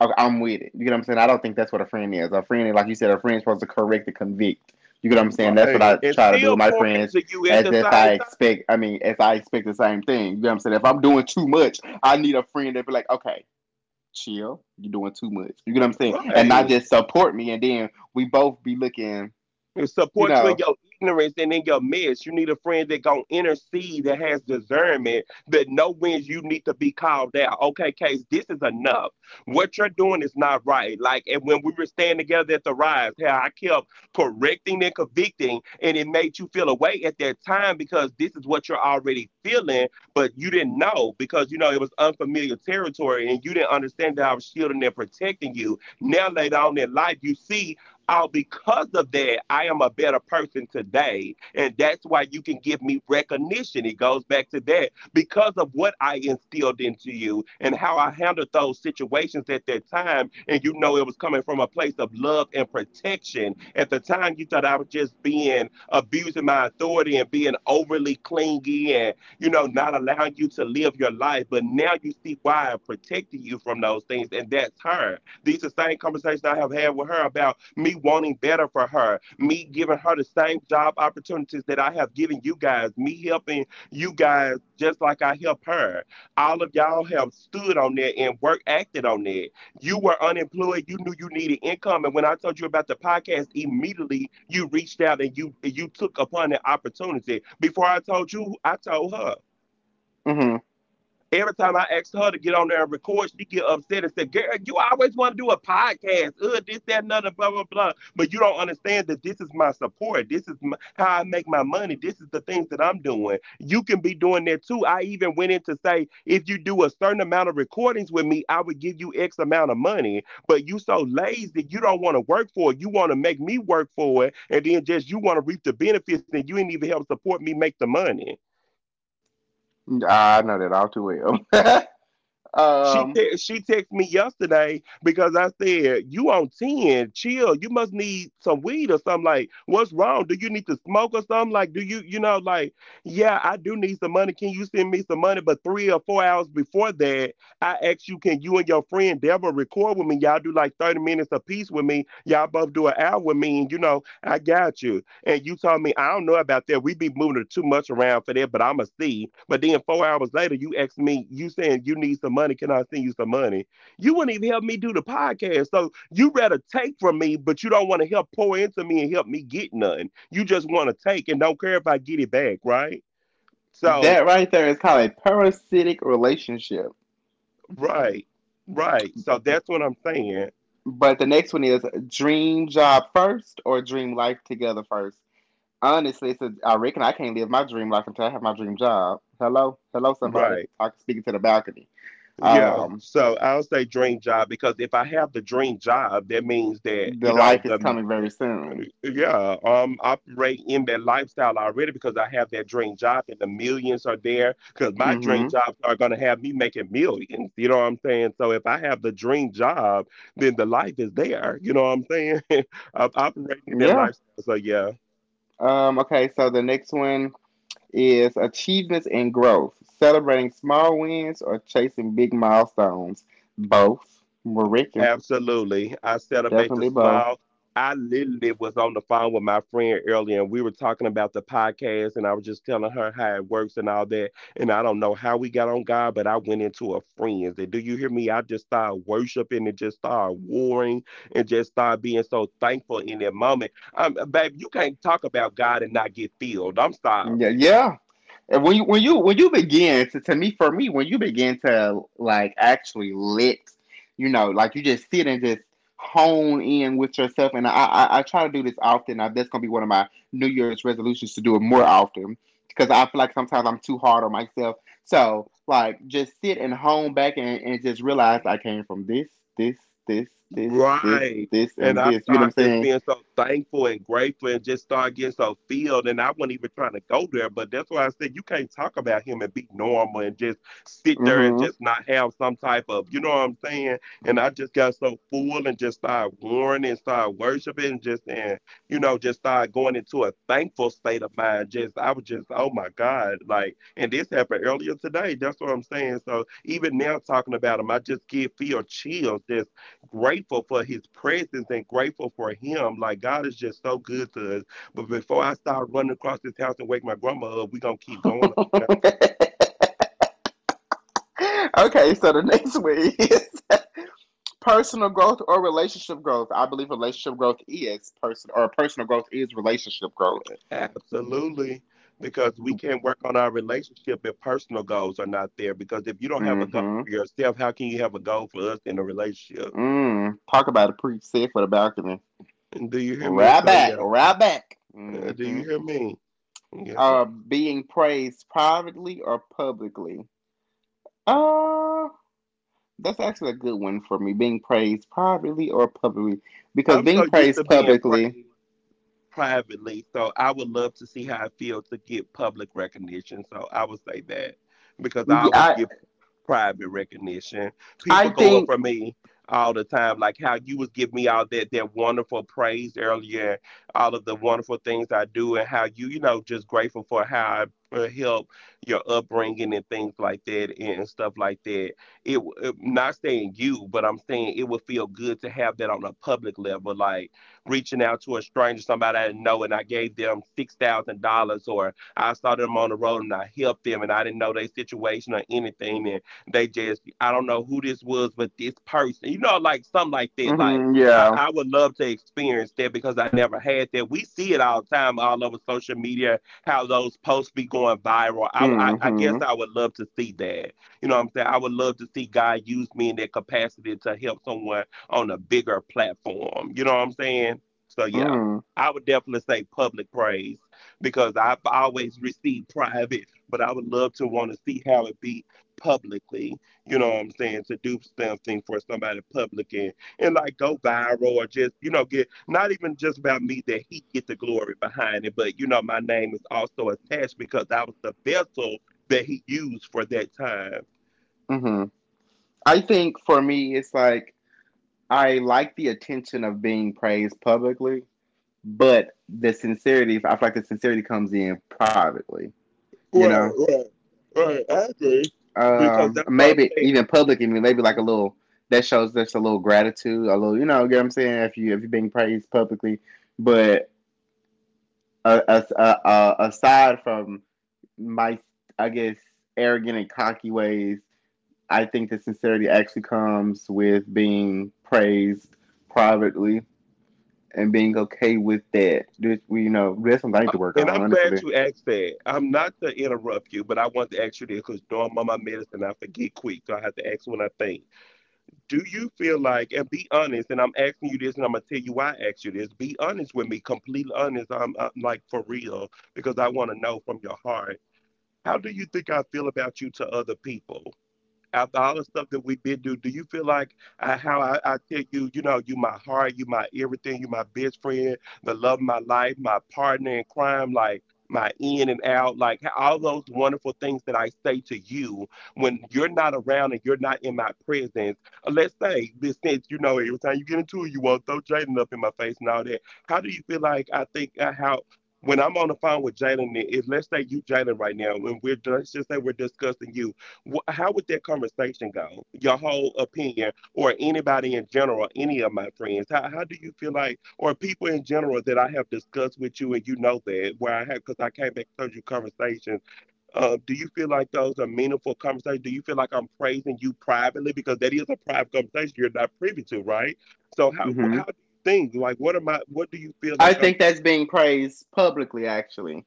S1: Okay, I'm with it. You get what I'm saying? I don't think that's what a friend is. A friend, like you said, a friend's supposed to correct and convict. You get what I'm saying? That's what
S2: Right.
S1: I
S2: And
S1: try to do
S2: still
S1: with my
S2: pouring
S1: friends,
S2: to you at
S1: as
S2: the
S1: if
S2: same
S1: I
S2: time.
S1: expect. I mean, if I expect the same thing. You know what I'm saying? If I'm doing too much, I need a friend that be like, okay, chill. You're doing too much. You get what I'm saying? And not
S2: Right.
S1: just support me, and then we both be looking.
S2: And
S1: You
S2: support you in
S1: know,
S2: your ignorance and in your mess. You need a friend that gonna intercede, that has discernment, that know when you need to be called out. Okay, Case, this is enough. What you're doing is not right. Like, and when we were standing together at the rise, how I kept correcting and convicting, and it made you feel away at that time because this is what you're already feeling, but you didn't know because it was unfamiliar territory and you didn't understand that I was shielding and protecting you. Now later on in life, you see, oh, because of that, I am a better person today. And that's why you can give me recognition. It goes back to that. Because of what I instilled into you and how I handled those situations at that time. And it was coming from a place of love and protection. At the time, you thought I was just being abusing my authority and being overly clingy and, not allowing you to live your life. But now you see why I'm protecting you from those things. And that's her. These are the same conversations I have had with her about me wanting better for her, me giving her the same job opportunities that I have given you guys, me helping you guys just like I help her. All of y'all have stood on that and work acted on that. You were unemployed, you knew you needed income, and when I told you about the podcast, immediately you reached out and you took upon the opportunity. Before I told you, I told her.
S1: mm-hmm.
S2: Every time I asked her to get on there and record, she get upset and said, "Girl, you always want to do a podcast, this, that, and blah, blah, blah." But you don't understand that this is my support. This is my, how I make my money. This is the things that I'm doing. You can be doing that too. I even went in to say, if you do a certain amount of recordings with me, I would give you X amount of money. But you so lazy, you don't want to work for it. You want to make me work for it, and then just you want to reap the benefits, and you ain't even help support me make the money.
S1: I know that all too well.
S2: She
S1: um,
S2: te- she texted me yesterday because I said you on ten, chill. You must need some weed or something. Like, what's wrong? Do you need to smoke or something? Like, do you know like, yeah, I do need some money. Can you send me some money? But 3 or 4 hours before that, I asked you, can you and your friend Deborah record with me? Y'all do like 30 minutes apiece with me. Y'all both do an hour with me, and you know I got you. And you told me, I don't know about that. We be moving too much around for that, but I'ma see. But then 4 hours later, you asked me, you saying you need some money. Can I send you some money? You wouldn't even help me do the podcast. So you rather take from me, but you don't want to help pour into me and help me get none. You just want to take and don't care if I get it back, right? So
S1: that right there is called a parasitic relationship.
S2: right, right. So that's what I'm saying.
S1: But the next one is dream job first or dream life together first. Honestly, it's a, I reckon I can't live my dream life until I have my dream job. Hello, hello, somebody.
S2: Right.
S1: I can speak to the balcony.
S2: Yeah,
S1: Um,
S2: so I'll say dream job because if I have the dream job, that means that,
S1: the life is coming very soon.
S2: operate in that lifestyle already because I have that dream job and the millions are there because my dream
S1: Mm-hmm.
S2: jobs are going to have me making millions. You know what I'm saying? So if I have the dream job, then the life is there. You know what I'm saying? I'm operating in that
S1: Yeah.
S2: lifestyle. So yeah.
S1: Okay. So the next one is achievements and growth. Celebrating small wins or chasing big milestones. Both. We're reckon
S2: Absolutely. I celebrate the
S1: definitely both.
S2: smile. I literally was on the phone with my friend earlier and we were talking about the podcast and I was just telling her how it works and all that. And I don't know how we got on God, but I went into a friend's. And do you hear me? I just started worshiping and just started warring and just started being so thankful in that moment. Babe, you can't talk about God and not get filled. I'm
S1: Yeah.
S2: sorry.
S1: Yeah. And when you when you begin to me for me when you begin to like actually let you know like you just sit and just hone in with yourself and I try to do this often that's gonna be one of my New Year's resolutions to do it more often because I feel like sometimes I'm too hard on myself, so like just sit and hone back and just realize I came from this this this
S2: Right.
S1: this
S2: And
S1: and
S2: I
S1: this, you know
S2: started
S1: what I'm
S2: just
S1: saying?
S2: being so thankful and grateful and just started getting so filled. And I wasn't even trying to go there. But that's why I said you can't talk about him and be normal and just sit there and just not have some type of, you know what I'm saying? And I just got so full and just started warring and started worshiping just, and, just started going into a thankful state of mind. Just, I was just, oh my God. Like, and this happened earlier today. That's what I'm saying. So even now talking about him, I just get feel chills just grateful for his presence and grateful for him. Like God is just so good to us. But before I start running across this house and wake my grandma up, we're gonna keep
S1: Mm-hmm.
S2: going on. God.
S1: Okay, so the next way is personal growth or relationship growth. I believe relationship growth is personal growth is relationship growth.
S2: Absolutely. Because we can't work on our relationship if personal goals are not there. Because if you don't have a goal
S1: Mm-hmm.
S2: for yourself, how can you have a goal for us in a relationship?
S1: Mm. Talk about a preach said for the balcony.
S2: And do you hear me?
S1: Right
S2: So
S1: back,
S2: yeah.
S1: right back.
S2: Do
S1: Mm-hmm.
S2: you hear me? Yeah.
S1: Being praised privately or publicly. Uh, that's actually a good one for me. Being praised privately or publicly, because
S2: I'm so
S1: being
S2: used
S1: praised
S2: to being
S1: publicly,
S2: praised privately. So I would love to see how it feels to get public recognition. So I would say that because I always
S1: yeah,
S2: give private recognition.
S1: I
S2: People
S1: I
S2: go up
S1: think,
S2: for me all the time, like how you was giving me all that wonderful praise earlier, all of the wonderful things I do, and how you, just grateful for how I help your upbringing and things like that and stuff like that. It, not saying you, but I'm saying it would feel good to have that on a public level, like reaching out to a stranger, somebody I didn't know, and I gave them $6,000, or I saw them on the road and I helped them, and I didn't know their situation or anything, and they just I don't know who this was, but this person, like something like that, like.
S1: mm-hmm,
S2: I,
S1: yeah.
S2: I would love to experience that because I never had that. We see it all the time, all over social media, how those posts be going viral. I guess
S1: Mm-hmm.
S2: I would love to see that. You know what I'm saying? I would love to see God use me in that capacity to help someone on a bigger platform. You know what I'm saying? So yeah,
S1: Mm.
S2: I would definitely say public praise because I've always received private, but I would love to want to see how it be publicly. You know what I'm saying? To do something for somebody public and like go viral or just get not even just about me that he get the glory behind it, but my name is also attached because I was the vessel that he used for that time.
S1: Mm-hmm. I think for me, it's like I like the attention of being praised publicly, but the sincerity, I feel like the sincerity comes in privately, you know?
S2: Right, right, right. I agree because that's what I'm
S1: Maybe
S2: saying.
S1: even public, I mean, maybe like a little, that shows just a little gratitude, a little, you know what I'm saying? If you, if you're being praised publicly, but aside from my, I guess, arrogant and cocky ways, I think that sincerity actually comes with being praised privately and being okay with that. You know, that's something I need to work on,
S2: And I'm glad
S1: honestly.
S2: you asked that. I'm not to interrupt you, but I want to ask you this because knowing my medicine, I forget quick. So I have to ask when I think. Do you feel like, and be honest, and I'm asking you this and I'm going to tell you why I asked you this. Be honest with me, completely honest. I like, for real, because I want to know from your heart. How do you think I feel about you to other people? After all the stuff that we've been through, do you feel like I tell you, you know, you my heart, you my everything, you my best friend, the love of my life, my partner in crime, like my in and out, like all those wonderful things that I say to you when you're not around and you're not in my presence. Let's say, this, since you know, every time you get into it, you won't throw Jaden up in my face and all that. How do you feel like I think, how? When I'm on the phone with Jalen, if let's say you Jalen right now, when we're, let's just say we're discussing you, how would that conversation go? Your whole opinion, or anybody in general, any of my friends, how do you feel like, or people in general that I have discussed with you, and you know that, where I have, because I came back to you conversations, do you feel like those are meaningful conversations? Do you feel like I'm praising you privately? Because that is a private conversation you're not privy to, right? So, how,
S1: Hmm.
S2: how do you think? Like, what am I, what do you feel
S1: I
S2: like I'm,
S1: think that's being praised publicly, actually,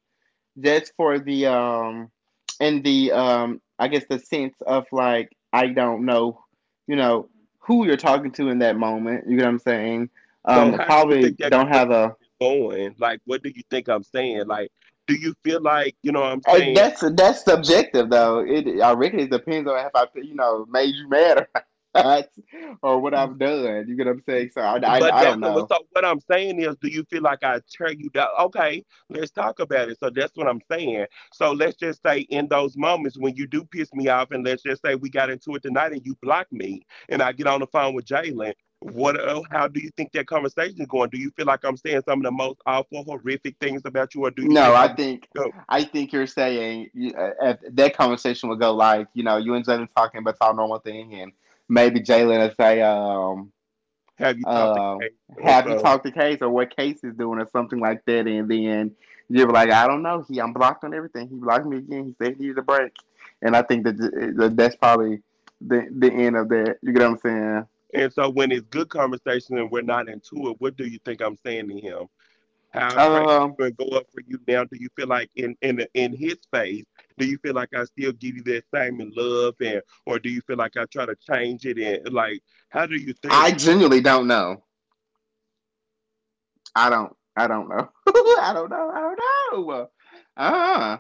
S1: just for the and the I guess the sense of like I don't know, you know, who you're talking to in that moment. You get what I'm saying?
S2: so
S1: I
S2: how do you
S1: probably
S2: think that
S1: don't have
S2: conversation
S1: a
S2: is going? Like, what do you think I'm saying? Like, do you feel like you know what I'm
S1: and
S2: saying?
S1: that's subjective though. It I reckon it depends on if I you know made you mad or not, or what I've done. You get what I'm saying? So
S2: But
S1: I
S2: that's
S1: don't
S2: what,
S1: know.
S2: so what I'm saying is, do you feel like I tear you down? Okay, let's talk about it. So that's what I'm saying. So let's just say in those moments when you do piss me off, and let's just say we got into it tonight and you block me, and I get on the phone with Jalen. What? Oh, how do you think that conversation is going? Do you feel like I'm saying some of the most awful, horrific things about you, or do you
S1: No,
S2: think
S1: I
S2: I'm
S1: think
S2: go,
S1: I think you're saying at that conversation would go like you know you and Jalen talking about our normal thing, and maybe Jalen will say
S2: have you talked to
S1: uh,
S2: Kay or
S1: have you
S2: something?
S1: talked to Case or what Case is doing or something like that? And then you were like, I don't know. He, I'm blocked on everything. He blocked me again. He said he needs a break. And I think that, that that's probably the end of that. You get what I'm saying?
S2: And so when it's good conversation and we're not into it, what do you think I'm saying to him? I praise you
S1: Um,
S2: and go up for you. Now, do you feel like in his face? Do you feel like I still give you that same in love, and or do you feel like I try to change it? And like, how do you think?
S1: I genuinely don't know. I don't. I don't know. I don't know. I don't know. Uh,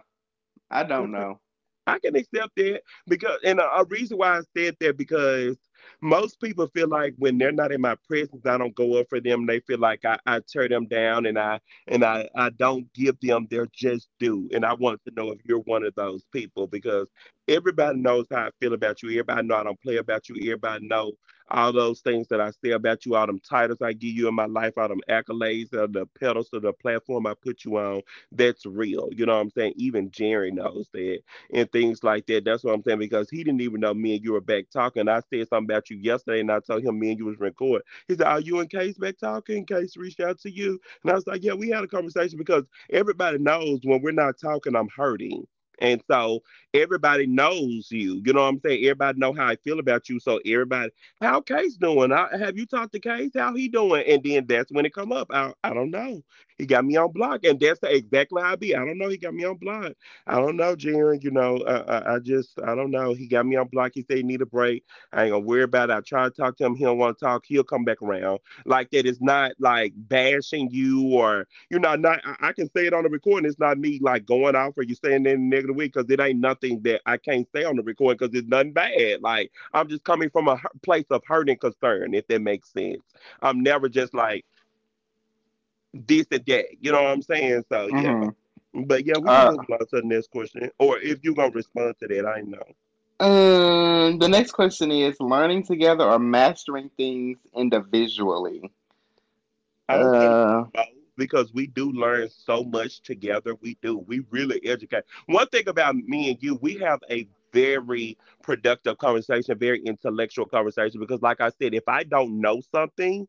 S1: I don't know.
S2: I can accept that because, and a reason why I said that because most people feel like when they're not in my presence, I don't go up for them. They feel like I tear them down and I I don't give them their just due. And I want to know if you're one of those people because everybody knows how I feel about you. Everybody know I don't play about you. Everybody know all those things that I say about you, all them titles I give you in my life, all them accolades, all the pedestals, the platform I put you on. That's real. You know what I'm saying? Even Jerry knows that and things like that. That's what I'm saying because he didn't even know me and you were back talking. I said something about you yesterday, and I told him me and you was recording. He said, "Are you and Case back talking? Case reached out to you?" And I was like, "Yeah, we had a conversation because everybody knows when we're not talking, I'm hurting." And so everybody knows you. You know what I'm saying? Everybody know how I feel about you. So everybody, how Case doing? I, have you talked to Case? How he doing? And then that's when it come up. I don't know. He got me on block, and that's the, exactly how I be. I don't know. He got me on block. I don't know, Jaren. You know, I just, I don't know. He got me on block. He said he need a break. I ain't gonna worry about it. I try to talk to him. He don't want to talk. He'll come back around. Like that is not like bashing you or, you know, not. I can say it on the recording. It's not me like going off or you saying that in a negative way because it ain't nothing that I can't say on the recording because it's nothing bad. Like I'm just coming from a place of hurt and concern, if that makes sense. I'm never just like this and that. You know what I'm saying? So yeah.
S1: Mm-hmm.
S2: But yeah, we can
S1: Uh,
S2: move along to the next question. Or if you're gonna respond to that, I know.
S1: the next question is learning together or mastering things individually.
S2: I'll say
S1: Uh.
S2: both because we do learn so much together. We do. We really educate. One thing about me and you, we have a very productive conversation, very intellectual conversation. Because like I said, if I don't know something,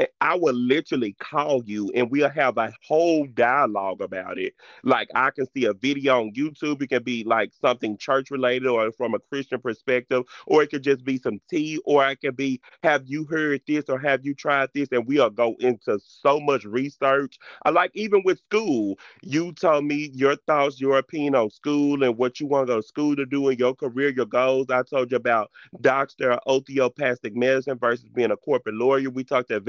S2: I will literally call you and we'll have a whole dialogue about it. Like I can see a video on YouTube. It can be like something church related or from a Christian perspective, or it could just be some tea, or it could be, have you heard this or have you tried this? And we'll go into so much research. I like, even with school, you told me your thoughts, your opinion on school and what you want to go to school to do in your career, your goals. I told you about doctor or osteopathic medicine versus being a corporate lawyer. We talked to,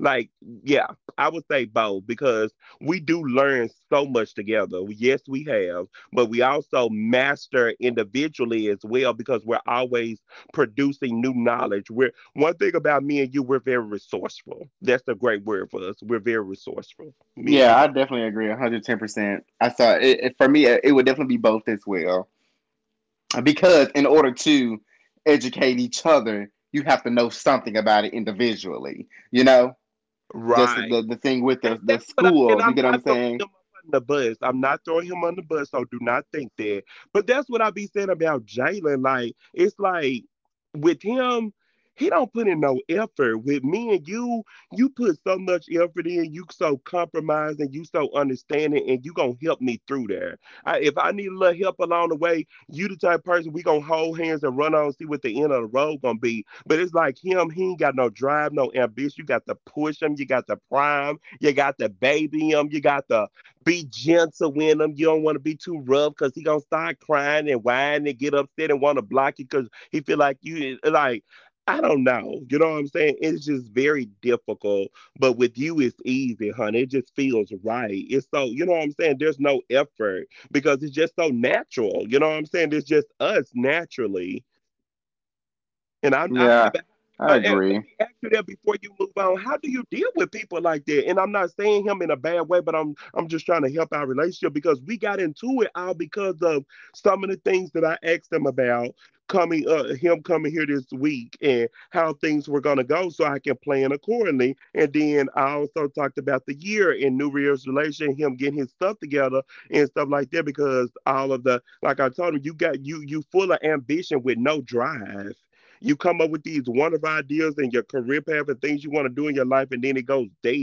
S2: like, yeah, I would say both because we do learn so much together. Yes, we have, but we also master individually as well because we're always producing new knowledge. We're, one thing about me and you, we're very resourceful. That's a great word for us. We're very resourceful, me and
S1: Yeah,
S2: you
S1: I
S2: both.
S1: definitely agree, 110%. I thought for me, it would definitely be both as well, because in order to educate each other, you have to know something about it individually. You know, just
S2: Right,
S1: the thing with
S2: right. And
S1: the
S2: that's what I, and
S1: school. You
S2: I'm
S1: get what I'm
S2: not throwing him
S1: saying?
S2: up on the bus. I'm not throwing him on the bus, so do not think that. But that's what I be saying about Jalen. Like, it's like with him, he don't put in no effort. With me and you put so much effort in, you so compromising, you so understanding, and you gonna help me through there. I, if I need a little help along the way, you the type of person we gonna hold hands and run on, see what the end of the road gonna be, but it's like him, he ain't got no drive, no ambition. You got to push him, you got to prime, you got to baby him, you got to be gentle with him. You don't want to be too rough because he gonna start crying and whining and get upset and want to block you because he feel like you, like I don't know. You know what I'm saying? It's just very difficult. But with you, it's easy, honey. It just feels right. It's so, you know what I'm saying? There's no effort because it's just so natural. You know what I'm saying? It's just us naturally, and I
S1: Yeah,
S2: haven't.
S1: I
S2: And let
S1: agree.
S2: me ask you that before you move on. How do you deal with people like that? And I'm not saying him in a bad way, but I'm just trying to help our relationship because we got into it all because of some of the things that I asked him about coming, him coming here this week and how things were gonna go so I can plan accordingly. And then I also talked about the year in New Year's relation, him getting his stuff together and stuff like that because all of the, like I told him, you got you full of ambition with no drive, you come up with these wonderful ideas and your career path and things you want to do in your life, and then it goes dead.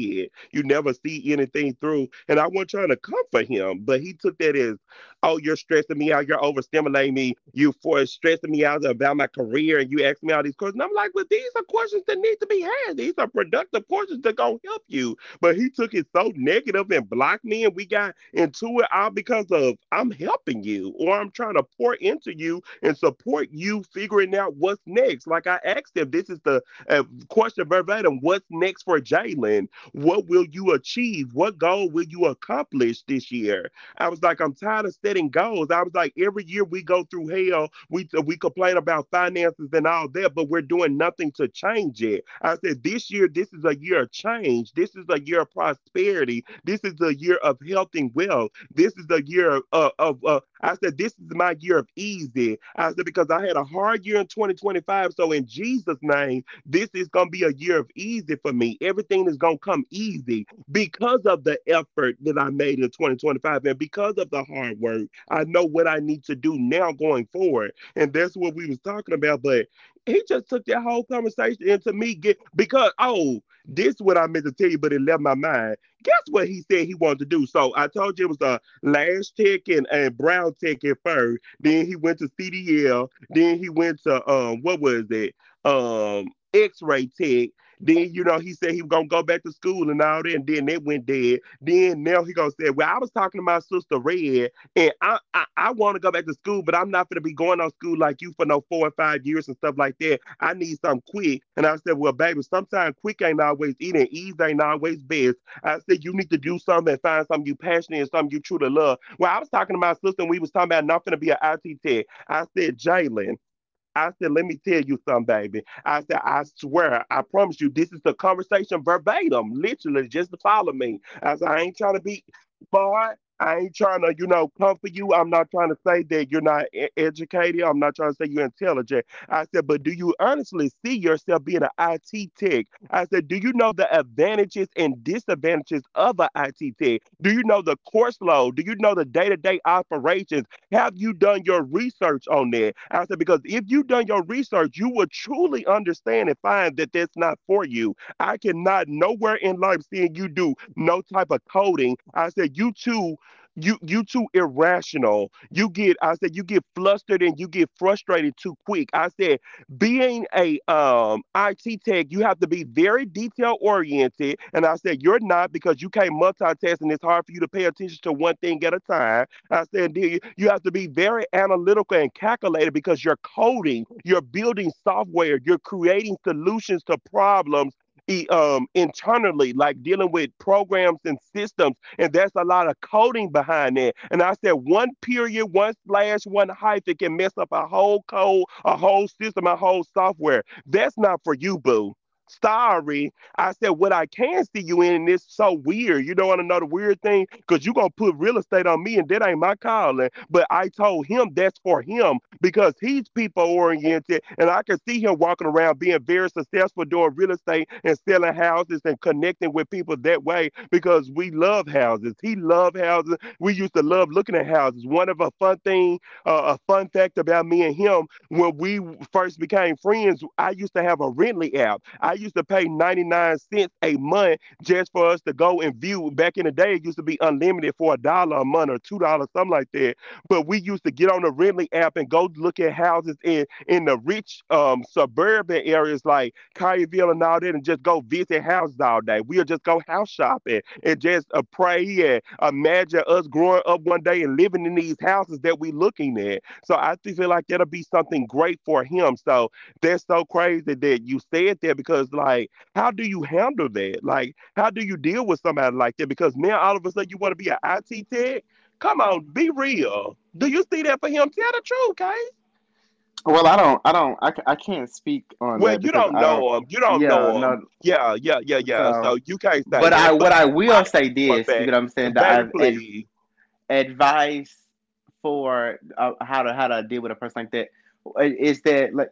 S2: You never see anything through. And I wasn't trying to comfort him, but he took that as, oh, you're stressing me out. You're overstimulating me. You for stressing me out about my career, and you ask me all these questions. And I'm like, well, these are questions that need to be had. These are productive questions that gonna help you. But he took it so negative and blocked me, and we got into it all because of I'm helping you or I'm trying to pour into you and support you figuring out what's next. Like I asked them, this is the uh, question, verbatim, what's next for Jalen? What will you achieve? What goal will you accomplish this year? I was like, I'm tired of setting goals. I was like, every year we go through hell. We complain about finances and all that, but we're doing nothing to change it. I said, this year, this is a year of change. This is a year of prosperity. This is a year of health and wealth. This is the year of I said, this is my year of easy. I said, because I had a hard year in 2025. So in Jesus' name, this is going to be a year of easy for me. Everything is going to come easy because of the effort that I made in 2025 and because of the hard work. I know what I need to do now going forward. And that's what we was talking about. But he just took that whole conversation into me get because, oh, this is what I meant to tell you, but it left my mind. Guess what he said he wanted to do? So I told you it was a Lance Tech and Brown Tech at first. Then he went to CDL. Then he went to what was it? X-ray tech. Then, you know, he said he was gonna go back to school and all that, and then they went dead. Then now he gonna say, well, I was talking to my sister Red, and I wanna go back to school, but I'm not gonna be going on school like you for no 4 and 5 years and stuff like that. I need something quick. And I said, well, baby, sometimes quick ain't always eating, ease ain't always best. I said, you need to do something and find something you passionate and something you truly love. Well, I was talking to my sister and we was talking about not going to be an IT tech. I said, Jalen. I said, let me tell you something, baby. I said, I swear, I promise you, this is the conversation verbatim, literally, just to follow me. I said, I ain't trying to be smart. I ain't trying to, you know, comfort you. I'm not trying to say that you're not educated. I'm not trying to say you're intelligent. I said, but do you honestly see yourself being an IT tech? I said, do you know the advantages and disadvantages of an IT tech? Do you know the course load? Do you know the day to day operations? Have you done your research on that? I said, because if you done your research, you will truly understand and find that that's not for you. I cannot nowhere in life seeing you do no type of coding. I said, you too irrational. You get, I said, you get flustered and you get frustrated too quick. I said, being a IT tech, you have to be very detail oriented. And I said, you're not because you can't multitask and it's hard for you to pay attention to one thing at a time. I said, you have to be very analytical and calculated because you're coding, you're building software, you're creating solutions to problems internally, like dealing with programs and systems. And there's a lot of coding behind that. And I said, one period, one slash, one hyphen can mess up a whole code, a whole system, a whole software. That's not for you, boo. Sorry. I said, what I can see you in, and it's so weird. You don't want to know the weird thing? Because you're going to put real estate on me, and that ain't my calling. But I told him that's for him because he's people oriented, and I can see him walking around being very successful doing real estate and selling houses and connecting with people that way because we love houses. He loved houses. We used to love looking at houses. One of a fun thing, a fun fact about me and him when we first became friends, I used to have a Rently app. I used to pay 99¢ a month just for us to go and view. Back in the day, it used to be unlimited for a dollar a month or $2, something like that. But we used to get on the Rently app and go look at houses in the rich suburban areas like Collierville and all that, and just go visit houses all day. We'll just go house shopping and just pray and imagine us growing up one day and living in these houses that we looking at. So I do feel like that'll be something great for him. So that's so crazy that you said that because, like, how do you handle that? Like, how do you deal with somebody like that? Because now all of a sudden you want to be an IT tech? Come on, be real. Do you see that for him? Tell the truth, guys.
S1: Well, I don't, I don't, I, ca- I can't speak on
S2: Well,
S1: that
S2: you
S1: because
S2: don't
S1: I don't.
S2: know him. You don't
S1: Yeah,
S2: know him.
S1: no.
S2: Yeah, yeah, yeah, yeah. So
S1: So,
S2: you can't say
S1: but I
S2: that.
S1: what
S2: But
S1: I
S2: I
S1: will
S2: know
S1: say
S2: for a
S1: this, you get
S2: fact.
S1: what I'm saying?
S2: Baby,
S1: That I've
S2: please.
S1: advice for how to deal with a person like that, is that like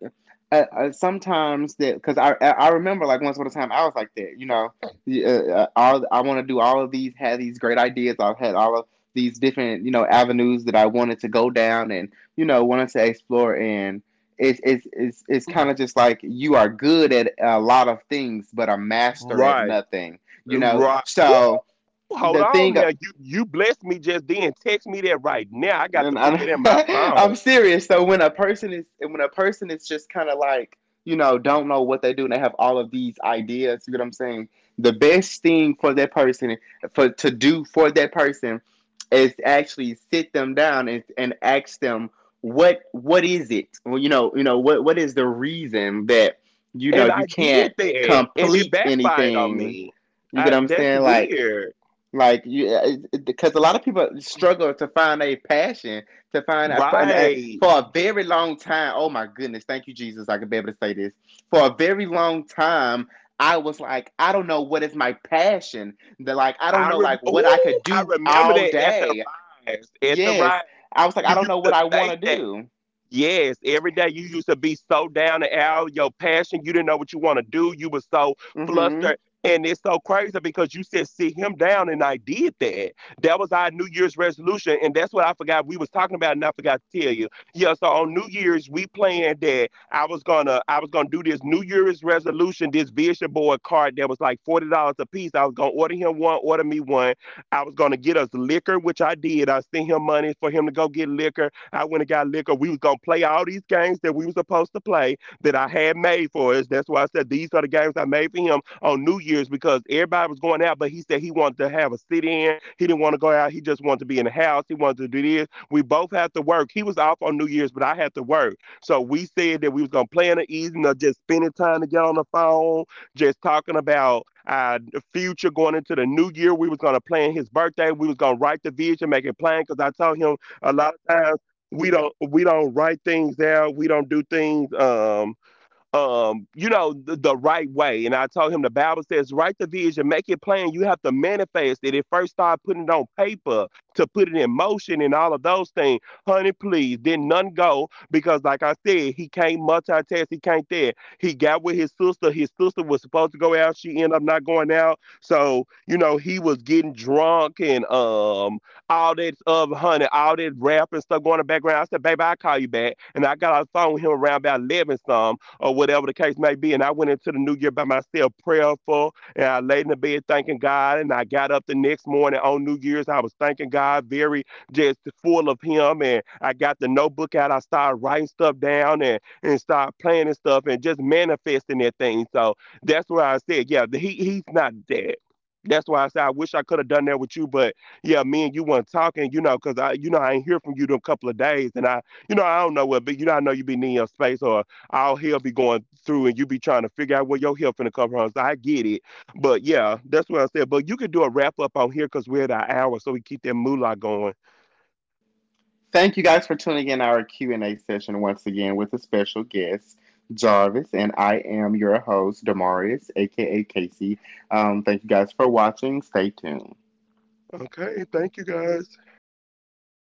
S1: sometimes that because I remember like once upon a time I was like that, you know? Yeah, all I want to do all of these have these great ideas I've had all of these different you know avenues that I wanted to go down and you know wanted to explore, and it's kind of just like you are good at a lot of things but a master at
S2: Right.
S1: nothing, you know?
S2: Right.
S1: So
S2: Hold
S1: the thing
S2: on now. You blessed me just then. Text me that right now. I got to
S1: and
S2: put that in my
S1: I,
S2: phone.
S1: I'm serious. So when a person is when a person is just kind of like you know don't know what they do and they have all of these ideas, you get what I'm saying? The best thing for that person for to do for that person is actually sit them down and ask them what is it? Well, you know what is the reason that you know
S2: And I
S1: you
S2: did
S1: can't
S2: that. And it
S1: complete
S2: backfired on
S1: anything?
S2: me.
S1: You get
S2: I,
S1: what I'm
S2: that's
S1: saying?
S2: weird.
S1: Like you, because a lot of people struggle to find a passion, to find out, and
S2: Right.
S1: for a very long time. Oh my goodness, thank you, Jesus. I could be able to say this for a very long time. I was like, I don't know what is my passion. That like, I don't know like what I
S2: Ooh,
S1: could
S2: I
S1: do
S2: remember
S1: all
S2: that at the
S1: day.
S2: rise. At the rise.
S1: Yes, I was like,
S2: You
S1: I don't
S2: used
S1: know what
S2: to
S1: I
S2: say
S1: want to
S2: that.
S1: do.
S2: Yes, every day you used to be so down and out, your passion, you didn't know what you want to do. You was so
S1: Hmm.
S2: flustered. And it's so crazy because you said sit him down and I did that. That was our New Year's resolution. And that's what I forgot we was talking about and I forgot to tell you. Yeah, so on New Year's we planned that I was gonna do this New Year's resolution, this vision board card that was like $40 a piece. I was gonna order him one, order me one. I was gonna get us liquor, which I did. I sent him money for him to go get liquor. I went and got liquor. We was gonna play all these games that we was supposed to play that I had made for us. That's why I said these are the games I made for him on New Year's because everybody was going out, but he said he wanted to have a sit in. He didn't want to go out. He just wanted to be in the house. He wanted to do this. We both had to work. He was off on New Year's, but I had to work. So we said that we was gonna plan an evening of just spending time together on the phone just talking about our future going into the new year. We was gonna plan his birthday. We was gonna write the vision, make it plan. Because I told him a lot of times we don't write things out. We don't do things. You know, the right way. And I told him the Bible says, write the vision, make it plain. You have to manifest it. It first start putting it on paper to put it in motion and all of those things. Honey, please. Then none go because, like I said, he can't multitask. He can't there. He got with his sister. His sister was supposed to go out. She ended up not going out. So, you know, he was getting drunk and all that of honey, all that rap and stuff going in the background. I said, baby, I'll call you back. And I got on the phone with him around about 11 some or whatever the case may be. And I went into the new year by myself, prayerful, and I laid in the bed thanking God. And I got up the next morning on New Year's. I was thanking God, very just full of Him. And I got the notebook out. I started writing stuff down and started planning stuff and just manifesting that thing. So that's why I said, yeah, he's not dead. That's why I said I wish I could have done that with you, but yeah, me and you weren't talking, you know, because I, you know, I ain't hear from you in a couple of days, and I, you know, I don't know what, but you know, I know you be needing your space or all hell be going through and you be trying to figure out where your help finna come from. So I get it. But yeah, that's what I said. But you can do a wrap up on here because we're at our hour, so we keep that moolah going.
S1: Thank you guys for tuning in our Q&A session once again with a special guest, Jarvis, and I am your host, Demarius, aka Casey. Thank you guys for watching. Stay tuned.
S2: Okay, thank you guys.